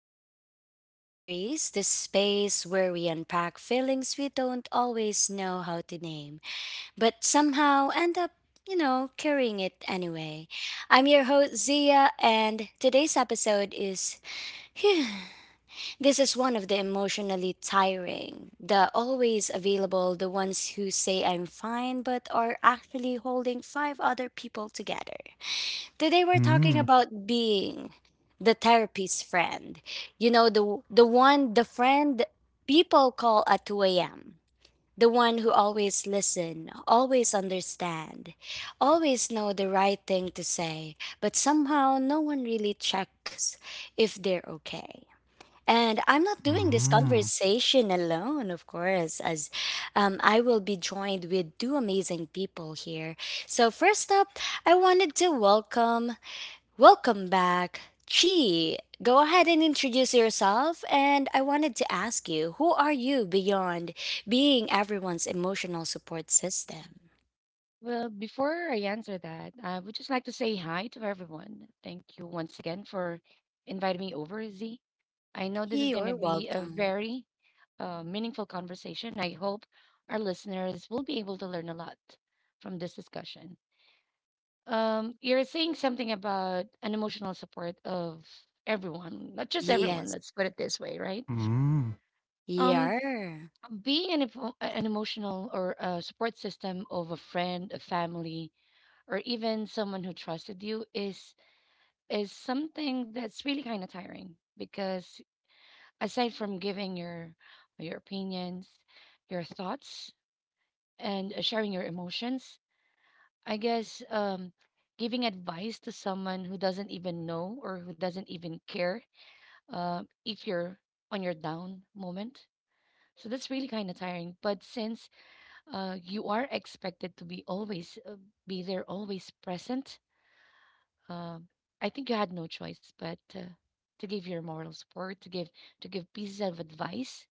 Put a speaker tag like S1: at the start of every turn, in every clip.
S1: to Real Talk Diaries, the space where we unpack feelings we don't always know how to name, but somehow end up, carrying it anyway. I'm your host Zia, and today's episode is Phew. This is one of the emotionally tiring, the always available, the ones who say I'm fine but are actually holding five other people together. Today we're talking
S2: Mm,
S1: about being the therapist friend. You know, the friend people call at 2 a.m. The one who always listen, always understand, always know the right thing to say, but somehow no one really checks if they're okay. And I'm not doing this
S2: mm,
S1: conversation alone, of course, as I will be joined with two amazing people here. So, first up, I wanted to welcome Welcome back. Chi, go ahead and introduce yourself. And I wanted to ask you, who are you beyond being everyone's emotional support system?
S3: Well, before I answer that, I would just like to say hi to everyone. Thank you once again for inviting me over, Z. I know this is going to
S1: You're
S3: be a
S1: welcome.
S3: very meaningful conversation. I hope our listeners will be able to learn a lot from this discussion. You're saying something about an emotional support of everyone, not just everyone,
S1: Yes.
S3: let's put it this way, right?
S2: mm.
S3: Um,
S1: Yeah.
S3: Being an emotional or support system of a friend, a family, or even someone who trusted you is something that's really kind of tiring because aside from giving your opinions, your thoughts and sharing your emotions, I guess giving advice to someone who doesn't even know or who doesn't even care if you're on your down moment. So that's really kind of tiring, but since you are expected to be always be there, always present. Um, I think you had no choice but to give your moral support, to give pieces of advice.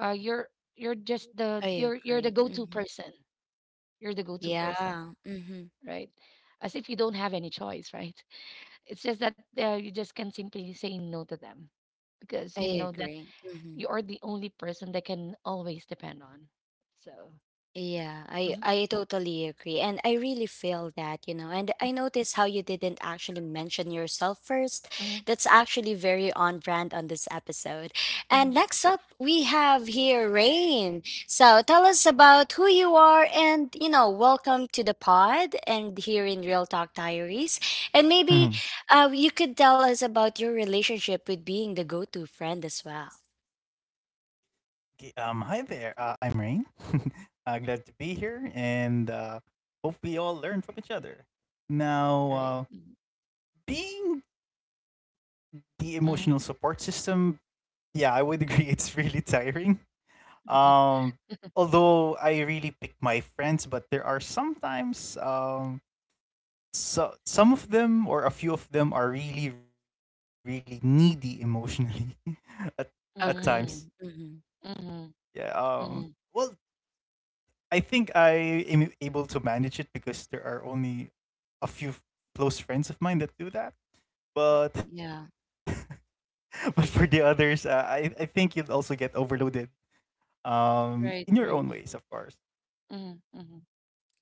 S3: Uh, you're you're just the
S1: I
S3: you're you're
S1: agree.
S3: the go-to
S1: Mhm.
S3: person. You're the go-to person,
S1: Yeah. Hmm.
S3: right? As if you don't have any choice, right? It's just that you just can simply say no to them because
S1: I
S3: you know that
S1: agree. Mhm.
S3: you are the only person they can always depend on. So.
S1: Yeah, I
S3: Mhm.
S1: I totally agree. And I really feel that, And
S3: Mhm.
S1: I noticed how you didn't actually mention yourself first.
S3: Mhm.
S1: That's actually very on brand on this episode. And
S3: Mhm.
S1: next up, we have here Rain. So tell us about who you are and, you know, welcome to the pod and here in Real Talk Diaries. And maybe you could tell us about your relationship with being the go-to friend as well.
S2: Hi there. I'm Rain. Glad to be here, and hope we all learn from each other. Now,
S3: Right. Mhm.
S2: being the emotional support
S3: Mhm.
S2: system, yeah, I would agree, it's really tiring. Um, although I really pick my friends, but there are sometimes so some of them or a few of them are really, really needy emotionally, at at times.
S1: Agree.
S3: Mhm.
S1: Hmm.
S2: Yeah.
S3: Mhm. Mhm.
S2: Well,
S3: Mhm.
S2: I think I am able to manage it because there are only a few close friends of mine that do that. But
S1: Yeah.
S2: But for the others, I think you'll also get overloaded. In your
S3: Right,
S2: own
S3: right.
S2: ways, of course.
S3: Mm-hmm. Mm-hmm.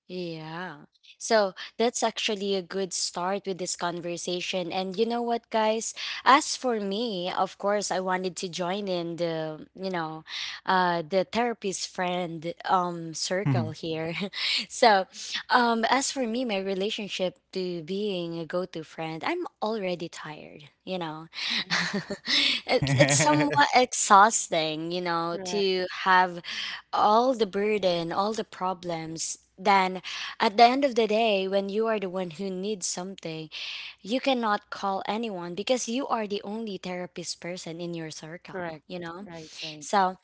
S1: Yeah. So that's actually a good start with this conversation. And you know what, guys? As for me, of course, I wanted to join in the, you know, the therapist friend circle
S2: Mhm.
S1: here. So, as for me, my relationship to being a go-to friend, I'm already tired. You know, it's somewhat exhausting. You know,
S3: Correct,
S1: to have all the burden, all the problems, then at the end of the day, when you are the one who needs something, you cannot call anyone because you are the only therapist person in your circle,
S3: correct.
S1: you know?
S3: Right, right.
S1: So,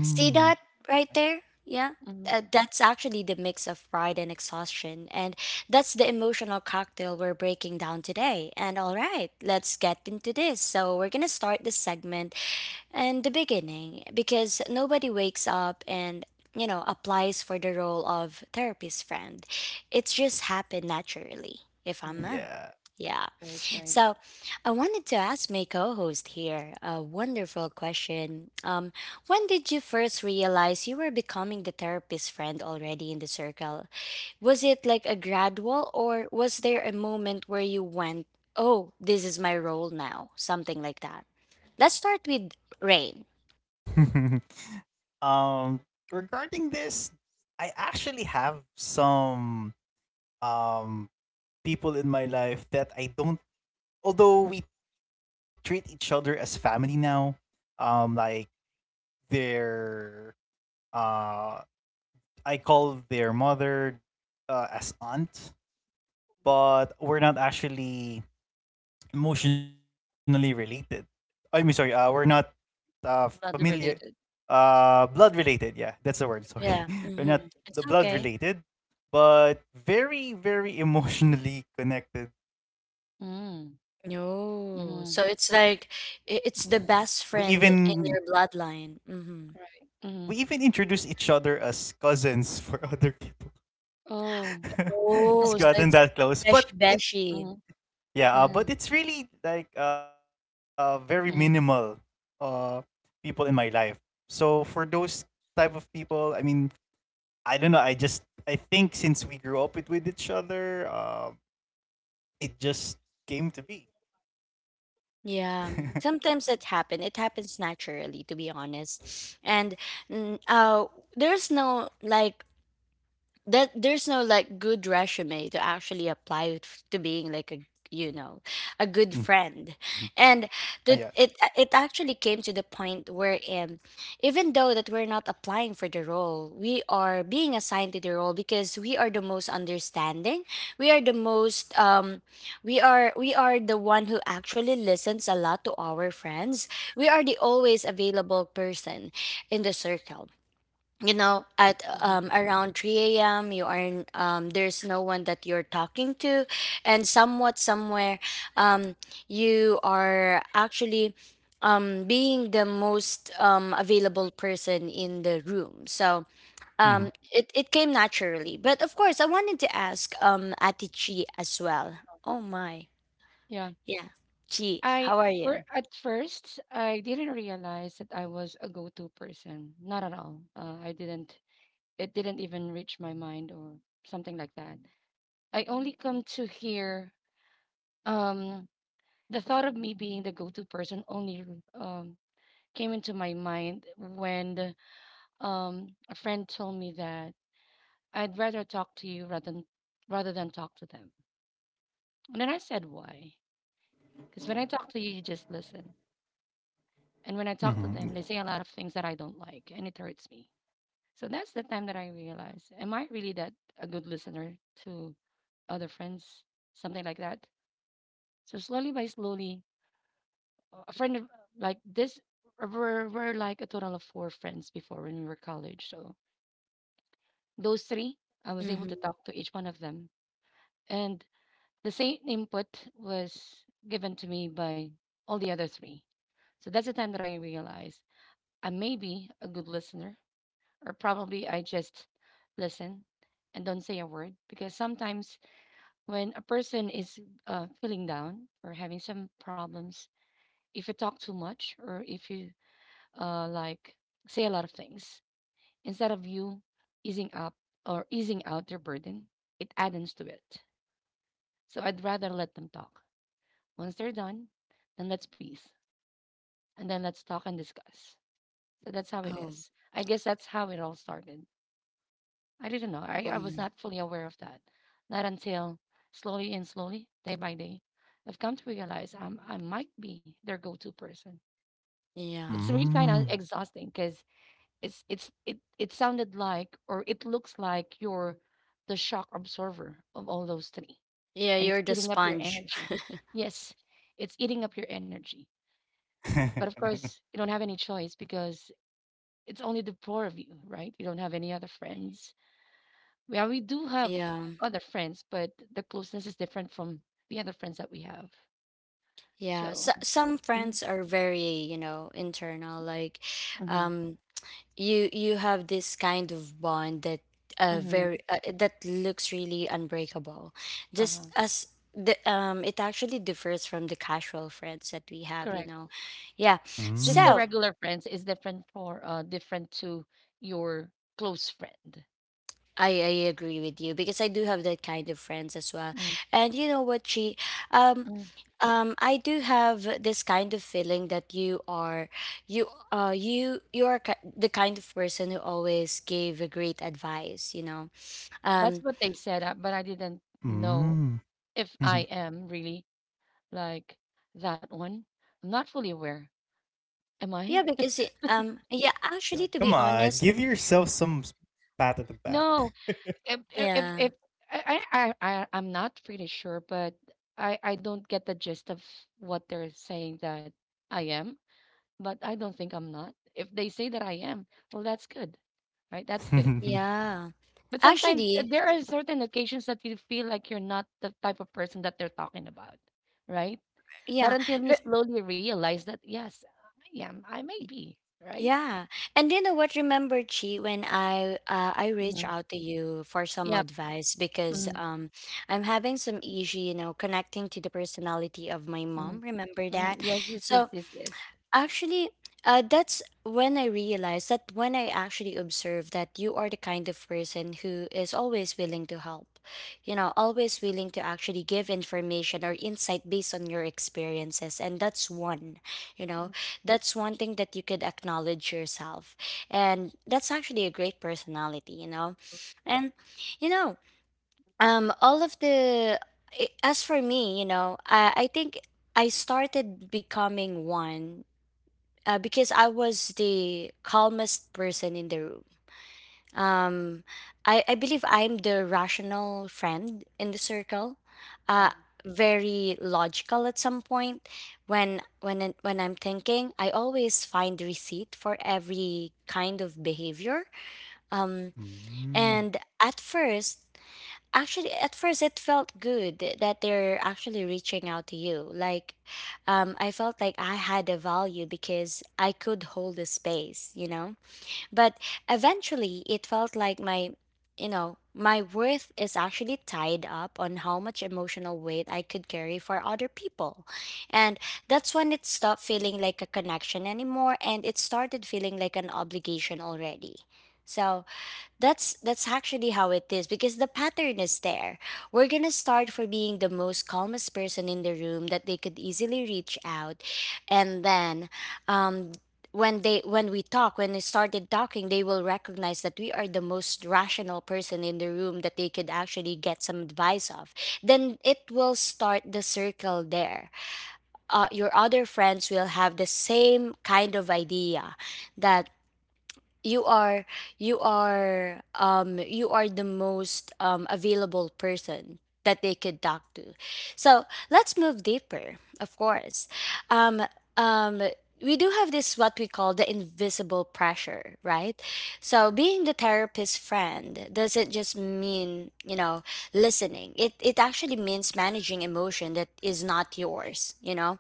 S1: see that right there? Yeah.
S3: Mm-hmm.
S1: That's actually the mix of pride and exhaustion. And that's the emotional cocktail we're breaking down today. And all right, let's get into this. So, we're going to start this segment in the beginning because nobody wakes up and you know applies for the role of therapist friend. It's just happened naturally if I'm
S3: Correct.
S1: a
S2: Yeah.
S1: yeah.
S3: Right, right.
S1: So, I wanted to ask my co host here a wonderful question. When did you first realize you were becoming the therapist friend already in the circle? Was it like a gradual, or was there a moment where you went, oh, this is my role now? Something like that. Let's start with Rain.
S2: um. Regarding this, I actually have some um people in my life that I don't. Although we treat each other as family now, like their, uh, I call their mother, as aunt,
S3: Mhm.
S2: but we're not actually emotionally related. I mean, sorry, we're not uh familiar,
S3: Blood related.
S2: blood related. Yeah, that's the word. Sorry,
S1: Yeah.
S2: we're not
S1: Hmm.
S3: Mm-hmm.
S2: the
S1: It's
S2: blood
S1: okay.
S2: related, but very, very emotionally connected.
S3: Mm-hmm.
S1: No.
S3: Mm-hmm.
S1: So, it's
S2: We
S1: the best
S2: even
S1: friend in your bloodline. Mm-hmm.
S3: Right.
S2: We even
S3: Mm-hmm.
S2: introduce each other as cousins for other people.
S3: Oh.
S2: It's
S1: Oh,
S2: gotten
S1: so it's a
S2: that close, but
S1: beshi-beshi.
S3: Mm-hmm.
S2: it's really like very minimal
S3: Mm-hmm.
S2: uh people in my life. So for those type of people, I mean, I don't know. I think since we grew up with each other, it just came to be.
S1: Yeah, sometimes that happen. It happens naturally, to be honest. And mm, uh, there's no like good resume to actually to being like a you know a good
S2: Mm-hmm.
S1: friend
S2: Yes.
S1: and that it actually came to the point wherein, even though that we're not applying for the role, we are being assigned to the role because we are the most understanding, we are the most we are the one who actually listens a lot to our friends, we are the always available person in the circle, you know, at
S3: Mm-hmm.
S1: around 3 a.m. You are there's no one that you're talking to and somewhat somewhere, um, you are actually being the most available person in the room. So um,
S2: Mm-hmm.
S1: it, it came naturally, but of course I wanted to ask ati Chi as well. Oh my.
S3: Yeah.
S1: Yeah. Chi,
S3: I
S1: how are
S3: For
S1: you?
S3: at first I didn't realize that I was a go-to person. Not at all. I didn't. It didn't even reach my mind or something like that. I only come to hear um the thought of me being the go-to person only um came into my mind when a friend told me that I'd rather talk to you rather than talk to them. And then I said, why? Because when I talk to you, you just listen. And when
S2: Mm-hmm.
S3: I
S2: Yeah.
S3: talk to them, they say a lot of things that I don't like and it hurts me. So that's the time that I realized, am I really that a good listener to other friends? Something like that. So slowly by slowly, a friend of, like this, we're like a total of four friends before when we were college. So those three, I was able
S1: Mm-hmm.
S3: to talk to each one of them. And the same input was given to me by all the other three. So that's the time that I realized I may be a good listener, or probably I just listen and don't say a word. Because sometimes when a person is feeling down or having some problems, if you talk too much or if you uh, like say a lot of things, instead of you easing up or easing out their burden, it addends to it. So I'd rather let them talk. Once they're done, then let's peace. And then let's talk and discuss. So that's how it
S1: Oh.
S3: is. I guess that's how it all started. I didn't know. I was
S1: um,
S3: not fully aware of that. Not until slowly and slowly, day by day, I've come to realize I might be their go to person.
S1: yeah,
S3: It's really kind of
S2: Mm.
S3: exhausting because it sounded like or it looks like you're the shock absorber of all those three,
S1: yeah,
S3: and it's
S1: you're the
S3: eating up your
S1: sponge.
S3: energy. Yes, it's eating up your energy. But of course, you don't have any choice because it's only the four of you, right? You don't have any other friends. Well, we do have
S1: Yeah.
S3: other friends, but the closeness is different from the other friends that we have.
S1: Yeah, so,
S3: So.
S1: some
S3: Mm-hmm.
S1: friends are very, you know, internal. Like,
S3: Mm-hmm.
S1: um, you you have this kind of bond that
S3: Mm-hmm.
S1: very that looks really unbreakable. Just
S3: Uh-huh.
S1: as the it actually differs from the casual friends that we have, you
S3: Correct.
S1: know. Yeah.
S3: Just
S2: Mm.
S3: the
S1: So,
S3: regular friends is different for different to your close friend.
S1: I agree with you because I do have that kind of friends as well.
S3: Mm.
S1: And you know what, she um
S3: Mm.
S1: I do have this kind of feeling that you are you you are the kind of person who always gave a great advice, you know.
S3: That's
S1: Um
S3: what they said, but I didn't know
S2: Mm.
S3: if I am really like that one. I'm not fully aware. Am
S1: yeah,
S3: I?
S1: because yeah, actually
S2: Yeah,
S1: to be
S2: come on,
S1: honest,
S2: give yourself some pat at the back.
S3: No,
S1: yeah.
S3: if I, I- I'm not pretty sure, but I don't get the gist of what they're saying that I am, but I don't think I'm not. If they say that I am, well, that's good, right? That's good.
S2: Mm.
S1: Yeah.
S3: But sometimes
S1: Actually,
S3: there are certain occasions that you feel like you're not the type of person that they're talking about, right? Not
S1: yeah.
S3: until you slowly realize that, yes, I am. I may be, right?
S1: Yeah. And you know what? Remember, Chi, when I reached
S3: Mhm.
S1: out to you for some
S3: Yep.
S1: advice because
S3: Mm.
S1: I'm having some issue, you know, connecting to the personality of my
S3: Mm.
S1: mom. Remember
S3: Mm.
S1: that?
S3: Yes, yes, yes,
S1: So
S3: yes, yes.
S1: Actually, that's when I realized that when I actually observe that you are the kind of person who is always willing to help, you know, always willing to actually give information or insight based on your experiences. And that's one, you know, that's one thing that you could acknowledge yourself. And that's actually a great personality, you know. And, you know, all of the, I- as for me, you know, I think I started becoming one because I was the calmest person in the room. Um, I believe I'm the rational friend in the circle. Uh, Very logical at some point when I'm thinking I always find receipt for every kind of behavior um and at first Actually, at first it felt good that they're actually reaching out to you. Like, I felt like I had a value because I could hold the space, you know? But eventually it felt like you know, my worth is actually tied up on how much emotional weight I could carry for other people. And that's when it stopped feeling like a connection anymore and it started feeling like an obligation already. So, that's actually how it is because the pattern is there. We're gonna start for being the most calmest person in the room that they could easily reach out, and then, um, when we talk when they started talking, they will recognize that we are the most rational person in the room that they could actually get some advice of. Then it will start the circle there. Your other friends will have the same kind of idea that you are you are the most available person that they could talk to. So let's move deeper, of course. um um we do have this what we call the invisible pressure, right? So being the therapist friend doesn't just mean, you know, listening. It actually means managing emotion that is not yours, you know.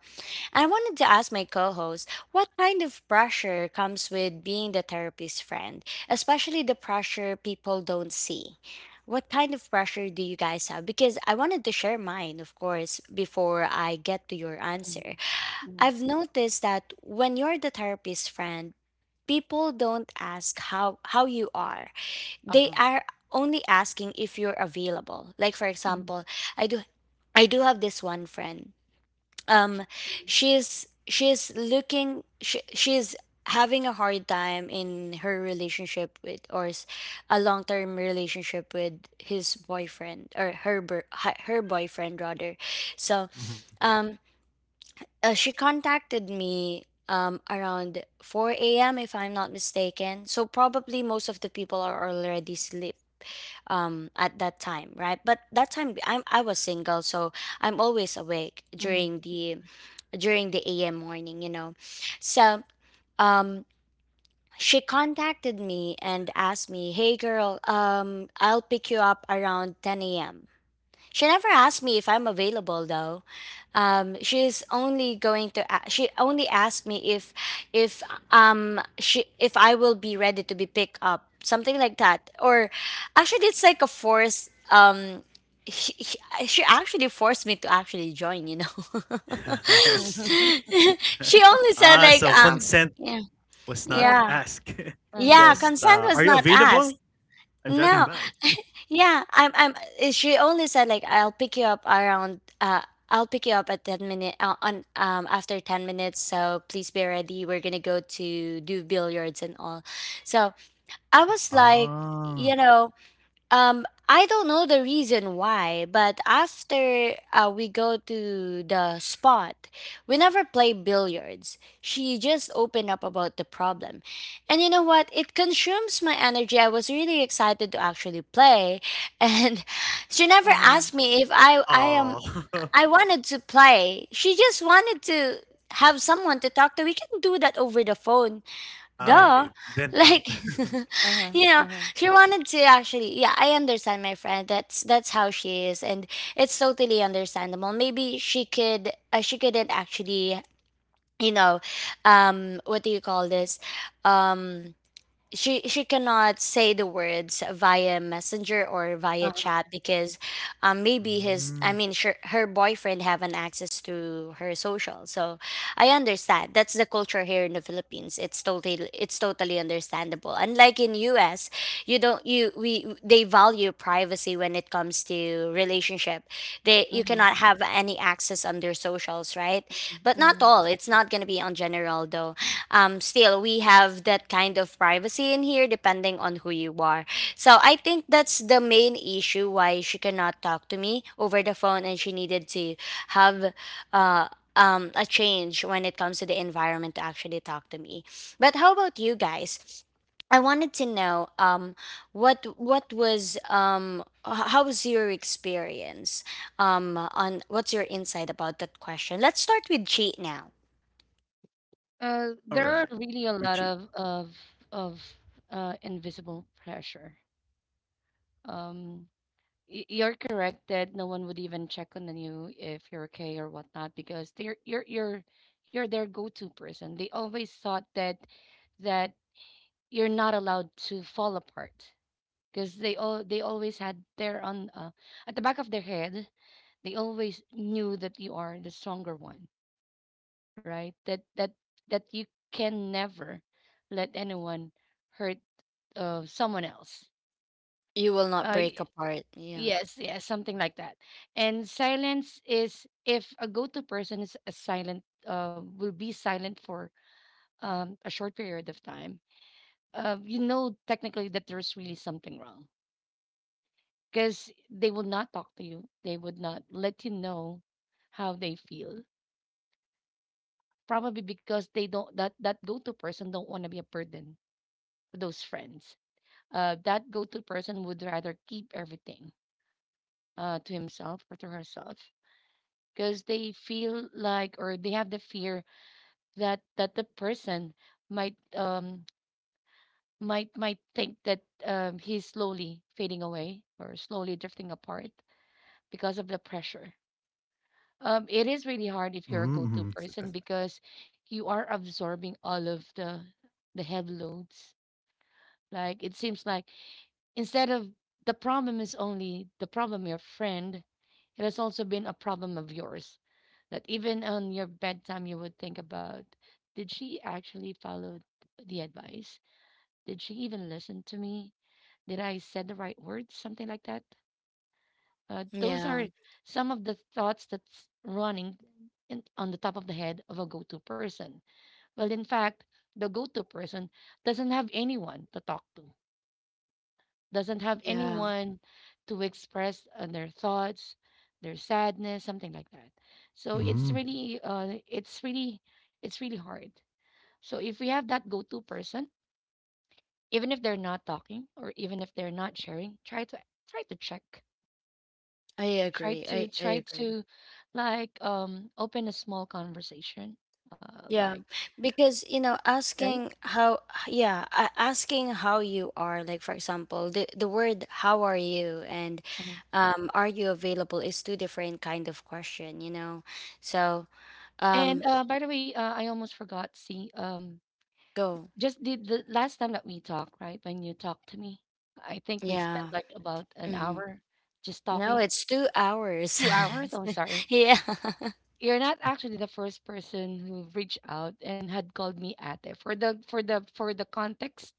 S1: I wanted to ask my co host what kind of pressure comes with being the therapist's friend, especially the pressure people don't see. What kind of pressure do you guys have? Because I wanted to share mine, of course, before I get to your answer.
S3: Mm.
S1: I've noticed that when you're the therapist's friend, people don't ask how you are. They
S3: Uh-huh.
S1: are only asking if you're available. Like for
S3: Mm.
S1: example, I do I do have this one friend um
S3: Mm.
S1: she's having a hard time in her relationship with a long-term relationship with his boyfriend or her br- hi- her boyfriend rather. So
S2: Mhm,
S1: um she contacted me around 4 a.m. if I'm not mistaken, so probably most of the people are already sleep at that time, right? But that time I was single, so I'm always awake
S3: Uh-huh. Mm. Mm.
S1: during
S3: Mm.
S1: the am morning, you know. So um she contacted me and asked me, hey girl, I'll pick you up around 10 a.m. She never asked me if I'm available though. She's only going to she only asked me if if I will be ready to be picked up, something like that. Or actually it's like a force she, she she actually forced me to actually join, you know.
S2: mhm.
S1: She
S2: Ah,
S1: only
S2: so
S1: said like
S2: consent
S1: yeah.
S2: was not
S3: Uh-huh.
S2: asked.
S1: Yeah.
S2: Just,
S1: Yeah,
S3: Uh-huh.
S2: are
S1: consent
S2: you
S1: was not
S2: available?
S1: asked.
S2: I'm driving
S1: No,
S2: by.
S1: yeah, I'm. I'm. She only said like I'll pick you up around. I'll pick you up at 10 minute on after 10 minutes. So please be ready. We're gonna go to do billiards and all. So I was like, you
S2: Ah,
S1: know, I don't know the reason why, but after we go to the spot, we never play billiards. She just opened up about the problem. And you know what? It consumes my energy. I was really excited to actually play. And she never
S3: Uh-huh.
S1: asked me if I am
S2: oh,
S1: I wanted to play. She just wanted to have someone to talk to. We can do that over the phone,
S2: ah,
S3: Correct.
S1: duh,
S2: okay. Vent
S1: like,
S2: out.
S3: Uh-huh.
S1: you know
S3: Uh-huh.
S1: she wanted to actually, yeah, I understand my friend. That's how she is. And it's totally understandable. Maybe she could she couldn't actually, you know what do you call this, um she cannot say the words via messenger or via chat
S3: Uh-huh.
S1: because maybe his,
S2: Mm.
S1: sure, her boyfriend have an access to her social. So I understand. That's the culture here in the Philippines. It's totally understandable. Unlike in US, you don't you we they value privacy when it comes to relationship. They you
S3: Mm-hmm.
S1: cannot have any access on their socials, right?
S3: Mm-hmm.
S1: But not
S3: Mm-hmm.
S1: all. It's not gonna be on general though. Um, still we have that kind of privacy in here, depending on who you are. So I think that's the main issue why she cannot talk to me over the phone, and she needed to have a change when it comes to the environment to actually talk to me. But how about you guys? I wanted to know, what was, how was your experience, on what's your insight about that question? Let's start with cheat now.
S2: All right.
S3: There are
S2: Which
S3: really a lot of invisible pressure. Um, you're correct that no one would even check on you if you're okay or whatnot because they're you're their go-to person. They always thought that you're not allowed to fall apart because they always had their on at the back of their head they always knew that you are the stronger one, right? That that you can never let anyone hurt someone else.
S1: You will not
S3: Uh,
S1: break
S3: y-
S1: apart. Yeah,
S3: yes, yes, something like that. And silence is if a go-to person is a silent, will be silent for a short period of time. You know, technically, that there's really something wrong because they will not talk to you. They would not let you know how they feel. Probably because they don't that that go-to person don't want to be a burden for those friends. That go-to person would rather keep everything to himself or to herself because they feel like or they have the fear that the person might think that he's slowly fading away or slowly drifting apart because of the pressure. It is really hard if you're a go-to person because you are absorbing all of the heavy loads. Like it seems like instead of the problem is only the problem your friend, it has also been a problem of yours. That even on your bedtime, you would think about, did she actually follow the advice? Did she even listen to me? Did I said the right words? Something like that. Those
S1: yeah,
S3: are some of the thoughts that's running in, on the top of the head of a go-to person. Well, in fact, the go-to person doesn't have anyone to talk to, doesn't have
S1: yeah.
S3: anyone to express their thoughts, their sadness, something like that. So it's really, it's really hard. So if we have that go-to person, even if they're not talking or even if they're not sharing, try to check,
S1: I
S3: try
S1: agree. I
S3: to
S1: I
S3: try
S1: agree.
S3: to, like, open a small conversation,
S1: Yeah,
S3: like,
S1: because you know,
S3: right?
S1: asking how, yeah, asking how you are. Like for example, the word "how are you" and
S3: Mhm.
S1: "are you available" is two different kind of question, you know. So,
S3: And
S1: um,
S3: by the way, I almost forgot. See,
S1: go,
S3: just the last time that we talked, right? When you talked to me, I think we spent
S1: yeah,
S3: like about an
S1: hmm.
S3: hour just
S1: No,
S3: talking.
S1: it's 2 hours.
S3: 2 hours, I'm sorry.
S1: Yeah,
S3: You're not actually the first person who reached out and had called me ate. For the for the context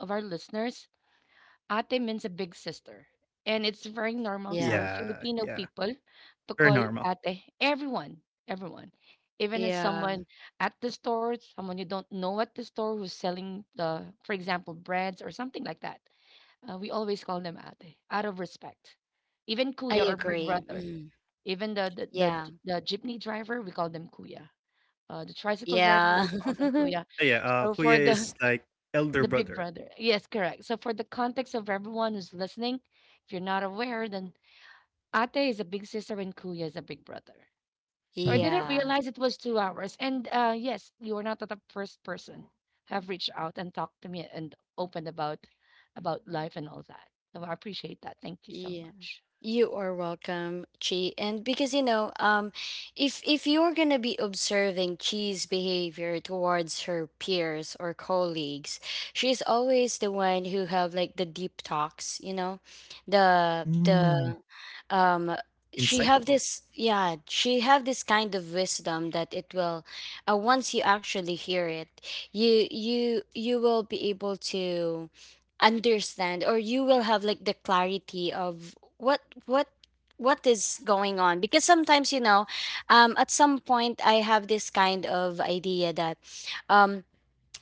S3: of our listeners, ate means a big sister. And it's very normal
S1: yeah,
S3: for Filipino people to call ate everyone, everyone. Even if
S1: yeah.
S3: someone at the store, someone you don't know at the store who's selling the, for example, breads or something like that. We always call them ate out of respect. Even
S1: I
S3: kuya or big
S1: agree.
S3: brother.
S1: Mm.
S3: Even the the, the
S1: Yeah,
S3: the jeepney driver, we call them kuya. The tricycle driver,
S1: yeah,
S3: we call them kuya. So for the big brother. Yes, correct. So for the context of everyone who's listening, if you're not aware, then ate is a big sister and kuya is a big brother. So I didn't
S1: yeah.
S3: realize it was 2 hours. And yes, you are not the first person who have reached out and talked to me and opened about life and all that. So I appreciate that. Thank you so
S1: Yeah.
S3: much.
S1: You are welcome, Chi. And because you know, if you're gonna be observing Chi's behavior towards her peers or colleagues, she's always the one who have like the deep talks, you know, the um she have this, yeah, she have this kind of wisdom that it will, once you actually hear it, you will be able to understand, or you will have like the clarity of what what what is going on. Because sometimes, you know, um, at some point I have this kind of idea that, um,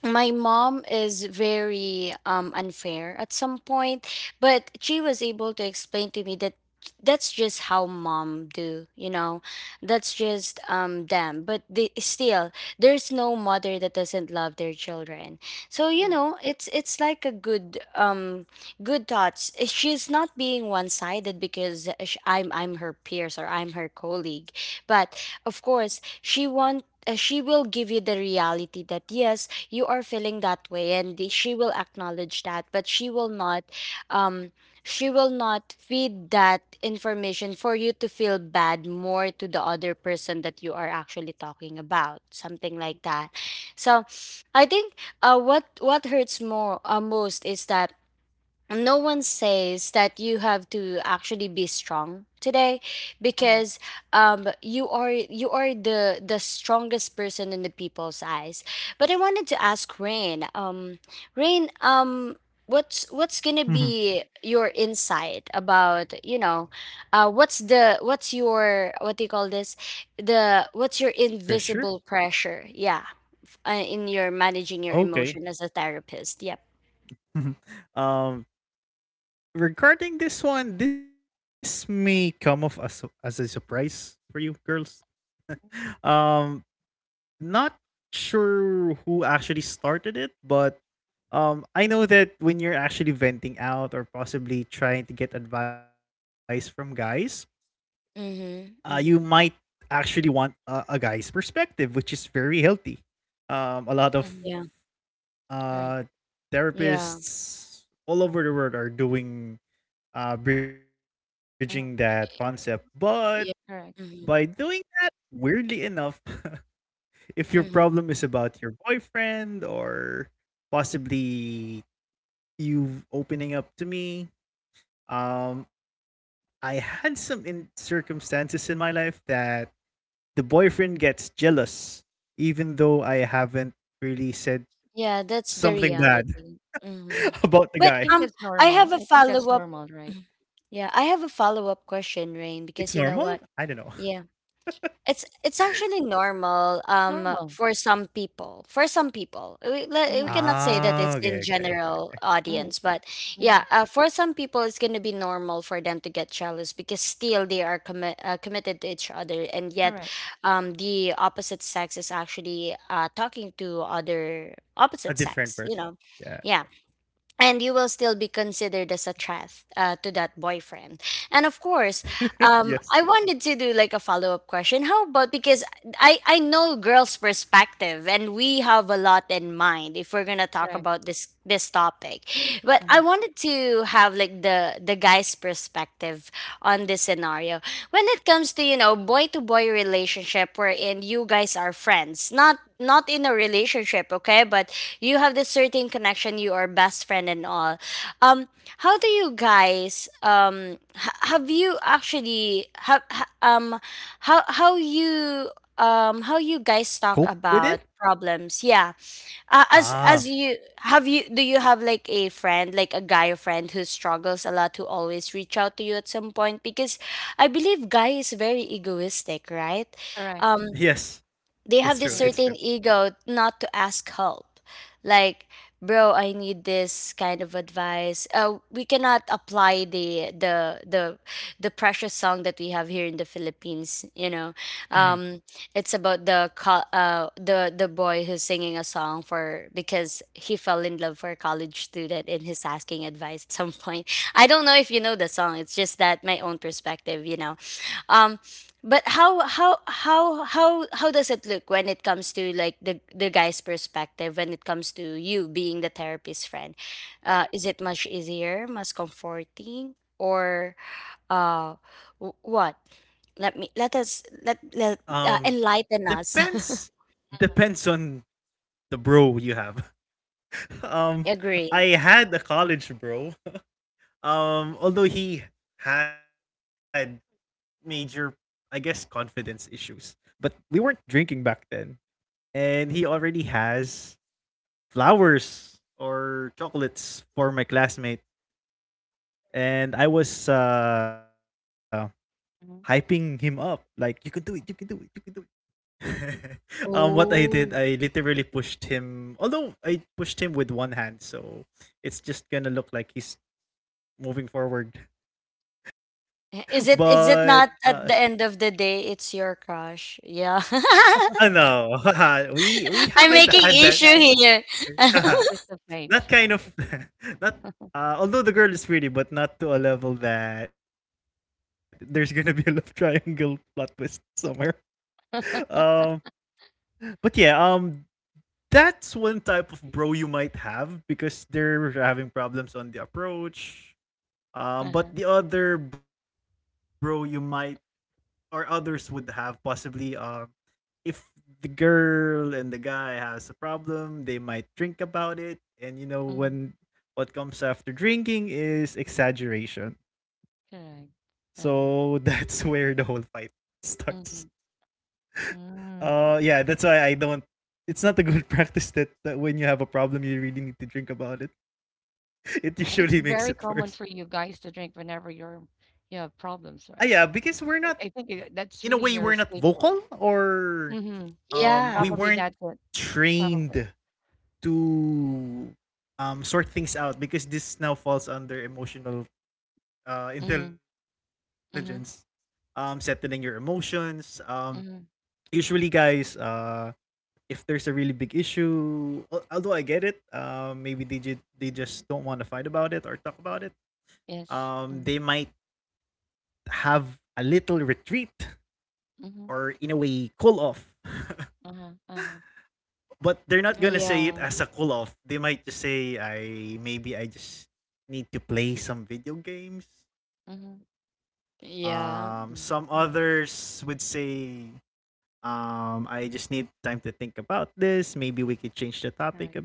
S1: my mom is very, um, unfair at some point. But she was able to explain to me that that's just how mom do, you know. That's just, um, them. But they, still, there's no mother that doesn't love their children. So, you
S3: Right.
S1: know, it's like a good, um, good thoughts. Eh, she's not being one-sided, because, eh, I'm her peers, or I'm her colleague, but of course she want, she will give you the reality that, yes, you are feeling that way, and she will acknowledge that. But she will not, um, she will not feed that information for you to feel bad more to the other person that you are actually talking about, something like that. So I think, what hurts more, most, is that no one says that you have to actually be strong today,
S3: Uh-huh.
S1: because, you are, you are the strongest person in the people's eyes. But I wanted to ask Rain, Rain, um, what's gonna be your insight about, you know, what's your, what do you call this, the, what's your invisible pressure, yeah, in your managing your emotion as a therapist, yep.
S3: Mhm.
S1: Mm-hmm, mm-hmm.
S3: Mhm. Right.
S1: Yeah.
S3: Uh-huh.
S1: Yeah.
S3: Correct.
S1: Hmm. Hmm. Yeah, that's the reality. Hmm. But,
S3: I think that's
S1: I
S3: normal.
S1: have a
S3: I think
S1: follow
S3: that's
S1: up.
S3: normal, right?
S1: Mhm. Yeah, I have a follow up question, Rain, because you know what? Yeah. It's actually normal,
S3: It's
S1: um,
S3: normal.
S1: for some people. For some people, we, we
S3: Mm-hmm.
S1: cannot say that it's in general
S3: Mm-hmm.
S1: audience, but,
S3: Mm-hmm.
S1: yeah, for some people, it's gonna be normal for them to get jealous, because still they are committed to each other, and yet,
S3: Correct.
S1: the opposite sex is actually, uh, talking to other opposite sex, you know. Yeah. And you will still be considered as a threat, to that boyfriend. And of course, I wanted to do like a follow-up question. How about, because I know girls perspective, and we have a lot in mind if we're gonna talk
S3: Correct.
S1: about this, this topic. But
S3: Mm-hmm.
S1: I wanted to have like the guy's perspective on this scenario. When it comes to, you know, boy to boy relationship, wherein you guys are friends, not in a relationship, okay, but you have this certain connection, you are best friend and all, um, how do you guys, ha- have you actually have ha- how, you, um, how you guys talk about problems, yeah, as you, have you, do you have like a friend, like a guy friend who struggles a lot, who always reach out to you at some point? Because I believe guy is very egoistic, right?
S3: Correct.
S1: Um, they have this
S3: Correct.
S1: certain ego not to ask help, like, bro, I need this kind of advice. We cannot apply the precious song that we have here in the Philippines, you know. Um, it's about the the boy who's singing a song for, because he fell in love for a college student, and he's asking advice at some point. I don't know if you know the song. It's just that my own perspective, you know. Um. But how does it look when it comes to like the guy's perspective when it comes to you being the therapist friend? Is it much easier, much comforting, or, uh, what? Let me let us let let, enlighten us.
S3: Mhm.
S1: Agree.
S3: Mhm. Mhm.
S1: Oh, is it, is it not at the end of the day? It's your crush. Yeah, I'm
S3: Twist of
S1: making
S3: fate,
S1: issue
S3: right?
S1: here.
S3: Yeah, twist of fate. Uh-huh. Mm, correct. Uh-huh. Mm-hmm. Mm. But it's very common for you guys to drink whenever you have problems, right? I think that's really your scapegoat. Mm-hmm.
S1: Yeah,
S3: Probably that's it. Probably. Mm-hmm. Mm-hmm. Mm-hmm. Yes. Mm-hmm. Mm-hmm. Uh-huh. Uh-huh.
S1: yeah.
S3: Mm-hmm.
S1: Yeah.
S3: Mm-hmm. Mm-hmm. Correct.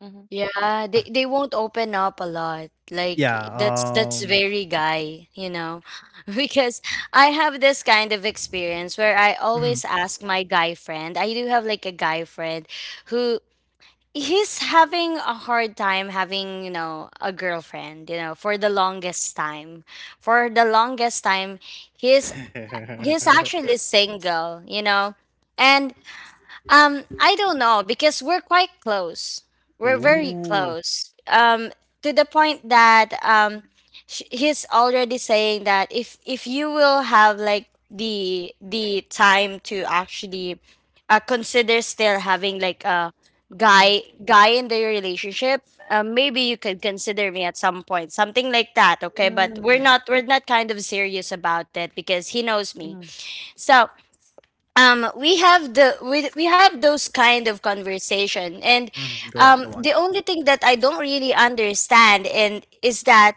S3: Mm-hmm.
S1: Yeah, they won't open up a lot. Like, that's very guy, you know. Because I have this kind of experience where I always ask my guy friend. I do have like a guy friend who, he's having a hard time having, you know, a girlfriend, you know, for the longest time. For the longest time, he's he's actually single, you know. And, um, I don't know, because we're quite close. We're
S3: Mm-hmm.
S1: very close. To the point that, he's already saying that if you will have like the time to actually, consider still having like a
S3: Mm-hmm.
S1: guy in the relationship, maybe you could consider me at some point, something like that. Okay, but we're
S3: Mm-hmm.
S1: not, we're not kind of serious about it because he knows me.
S3: Mm-hmm.
S1: So, um, we have the, we have those kind of conversation. And, um, the only thing that I don't really understand and is that,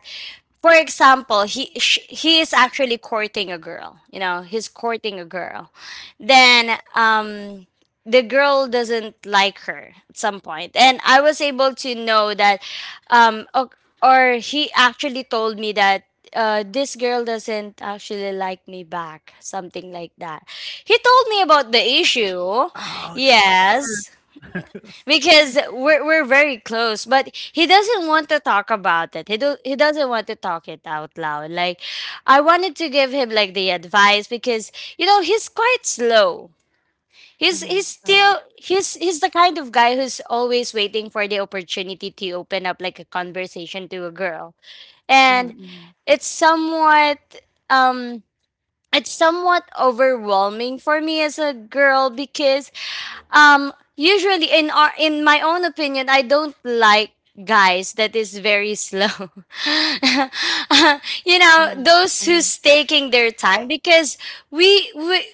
S1: for example, he he is actually courting a girl, you know, he's courting a girl. Then, um, the girl doesn't like her at some point, and I was able to know that, um, or he actually told me that, this girl doesn't actually like me back, something like that. He told me about the issue. Yes. Because we're very close, but he doesn't want to talk about it. He doesn't want to talk it out loud. Like, I wanted to give him like the advice because, you know, he's quite slow. He's
S3: Mm-hmm.
S1: still he's the kind of guy who's always waiting for the opportunity to open up like a conversation to a girl.
S3: Mm-hmm.
S1: And
S3: Mm-hmm.
S1: it's somewhat, um, it's somewhat overwhelming for me as a girl because, usually, in our, in my own opinion, I don't like guys that is very slow. You know,
S3: Mhm.
S1: those
S3: Mhm.
S1: who's taking their time, because we we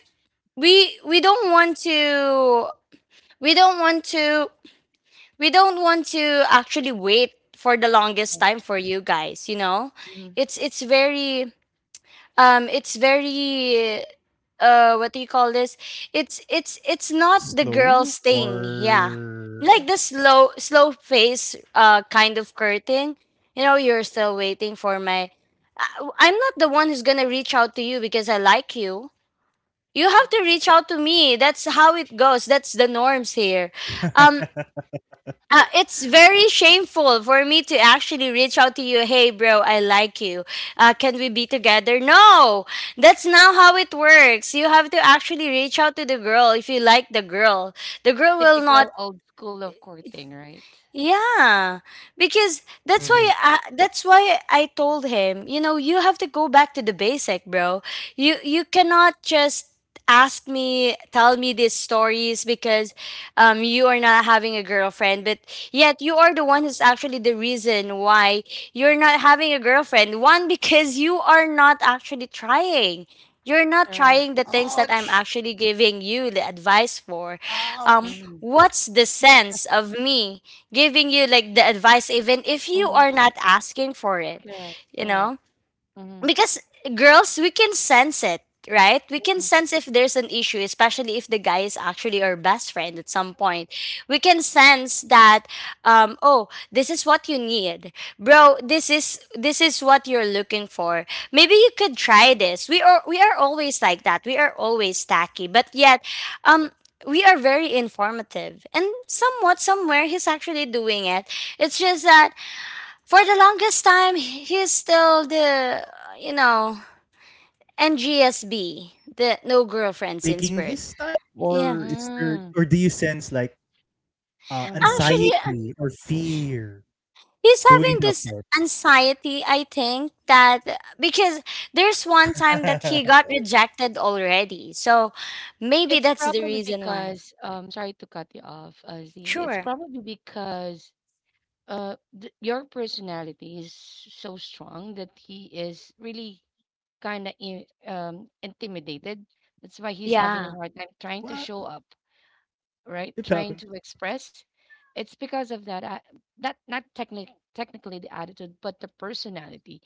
S1: we we don't want to, we don't want to we don't want to actually wait for the longest
S3: So.
S1: time for you guys, you know?
S3: Mhm.
S1: It's very, um, it's very, uh, what do you call this, it's not the girl's thing, yeah,
S3: Yep.
S1: like the slow, slow face, uh, kind of curtain, you know. You're still waiting for my, I'm not the one who's gonna reach out to you because I like you. You have to
S3: Mm.
S1: reach out to me. That's how it goes. That's the norms here. Um, it's very shameful for me to actually reach out to you. Hey, bro, I like you. Can we be together? No, that's not how it works. You have to actually reach out to the girl if you like the girl. The
S3: The
S1: girl will
S3: typical
S1: not,
S3: old school of courting, right?
S1: yeah, because that's why I told him, you know, you have to go back to the basic, bro. You
S3: Correct,
S1: you cannot just ask me, tell me these stories, because, um, you are not having a girlfriend, but yet you are the one who's actually the reason why you're not having a girlfriend. One, because you are not actually trying. You're not
S3: correct.
S1: trying the things that I'm actually giving you the advice for.
S3: Mhm.
S1: What's the sense of me giving you like the advice even if you
S3: Mhm.
S1: are not asking for it,
S3: Correct,
S1: you
S3: correct.
S1: know,
S3: Mhm.
S1: because girls, we can sense it, right? We can
S3: Mhm.
S1: sense if there's an issue, especially if the guy is actually our best friend at some point. We can sense that. Oh, this is what you need, bro. This is this is what you're looking for. Maybe you could try this. We are we are always like that. We are always tacky, but yet, um we are very informative and somewhat somewhere he's actually doing it. It's just that for the longest time, he's still the, you know, NGSB, the no girlfriend since birth. Yeah.
S3: Mm. Mhm.
S1: Actually, he's having this anxiety, I think, that because there's one time that he got rejected already. So maybe
S3: It's
S1: that's the
S3: probably
S1: reason why.
S3: because, sorry to cut you off, it's
S1: Sure.
S3: probably because your personality is so strong that he is really kind of intimidated. That's why he's having a
S1: Yeah.
S3: hard time trying to show up, right? Trying to express. It's because of that, that not technic technically the attitude, but the personality.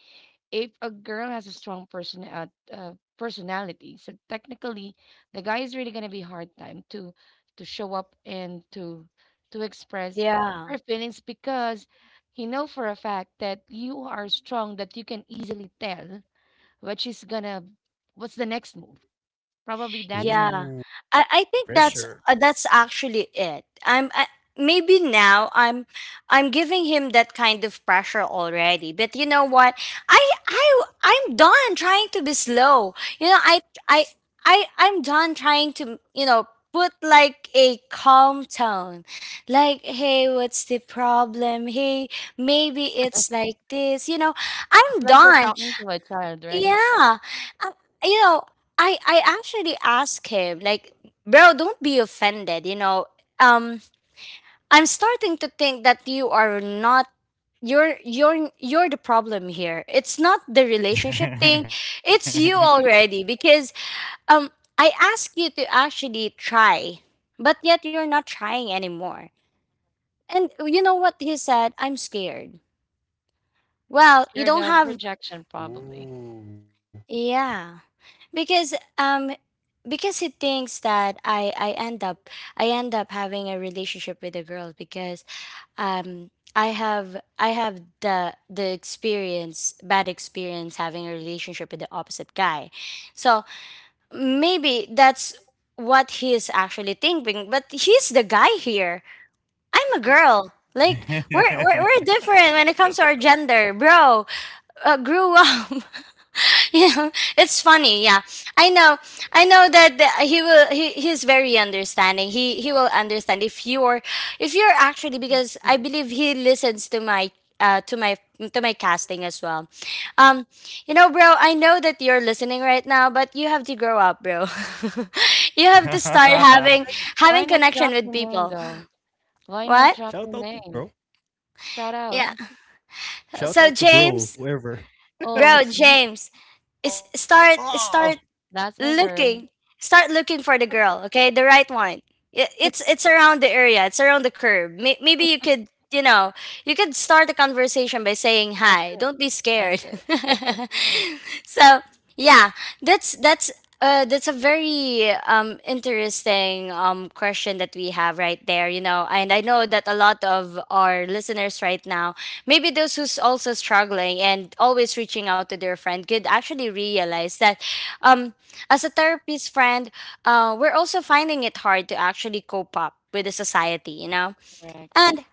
S3: If a girl has a strong uh, personality, so technically the guy is really gonna be hard time to show up and to express
S1: Yeah.
S3: her feelings because he know for a fact that you are strong, that you can easily tell what she's gonna what's the next move. Probably that's it.
S1: Yeah, I think that's actually it. Maybe now I'm giving him that kind of pressure already. But you know what? I I'm done trying to be slow. You know, I I I'm done trying to, you know, put like a calm tone, like, hey, what's the problem? Hey, maybe it's like this. You know, I'm
S3: It's like you're
S1: done.
S3: talking to a child, right?
S1: Yeah. Um, you know, I actually asked him like, "Bro, don't be offended, you know. Um I'm starting to think that you are not, you're you're the problem here. It's not the relationship thing. It's you already because um I asked you to actually try, but yet you're not trying anymore." And you know what he said? "I'm scared." Well, you
S3: Scared
S1: don't
S3: of
S1: have,
S3: rejection, probably.
S1: yeah, because um because he thinks that I end up, I end up having a relationship with a girl because I have, I have the experience, bad experience, having a relationship with the opposite guy. So maybe that's what he's actually thinking, but he's the guy here. I'm a
S3: Mhm,
S1: girl. Like we're different when it comes to our gender, bro. Grew up. Yeah, it's funny. Yeah, I know. I know that he will. He's very understanding. He will understand if you're, if you're actually,
S3: mhm.
S1: because I believe he listens to my, to my, to my casting as well. Um, you know, bro, I know that you're listening right now, but you have to grow up, bro. You have to start having,
S3: Why j
S1: having
S3: why not
S1: connection
S3: drop
S1: with
S3: your name,
S1: people.
S3: though? Why not
S1: What?
S3: drop your name? Shout out.
S1: Yeah. So James,
S3: "Oh,
S1: bro,
S3: see?
S1: James, is start
S3: That's my girl."
S1: looking, start looking for the girl, okay, the right one. It's around the area, it's around the curb. Maybe you could, you know, you could start a conversation by saying
S3: That's
S1: hi.
S3: it.
S1: Don't be
S3: That's
S1: scared.
S3: it. That's it.
S1: So yeah, that's that's a very interesting question that we have right there, you know. And I know that a lot of our listeners right now, maybe those who's also struggling and always reaching out to their friend, could actually realize that, um as a therapist friend, we're also finding it hard to actually cope up with the society, you know.
S3: Correct.
S1: And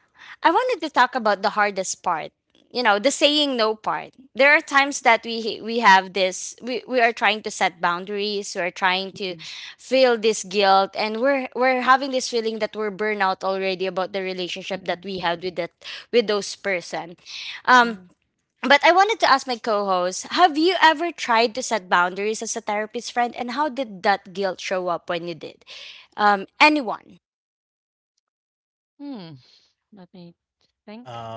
S1: I wanted to talk about the hardest part. You know, the saying no part. There are times that we have this, we are trying to set boundaries, we're trying
S3: Mhm,
S1: to feel this guilt, and we're having this feeling that we're burnout already about the relationship that
S3: mhm,
S1: we had with that, with those person. Um
S3: mhm.
S1: but I wanted to ask my co-host, have you ever tried to set boundaries as a therapist friend, and how did that guilt show up when you did? Anyone?
S3: Hmm, let me think.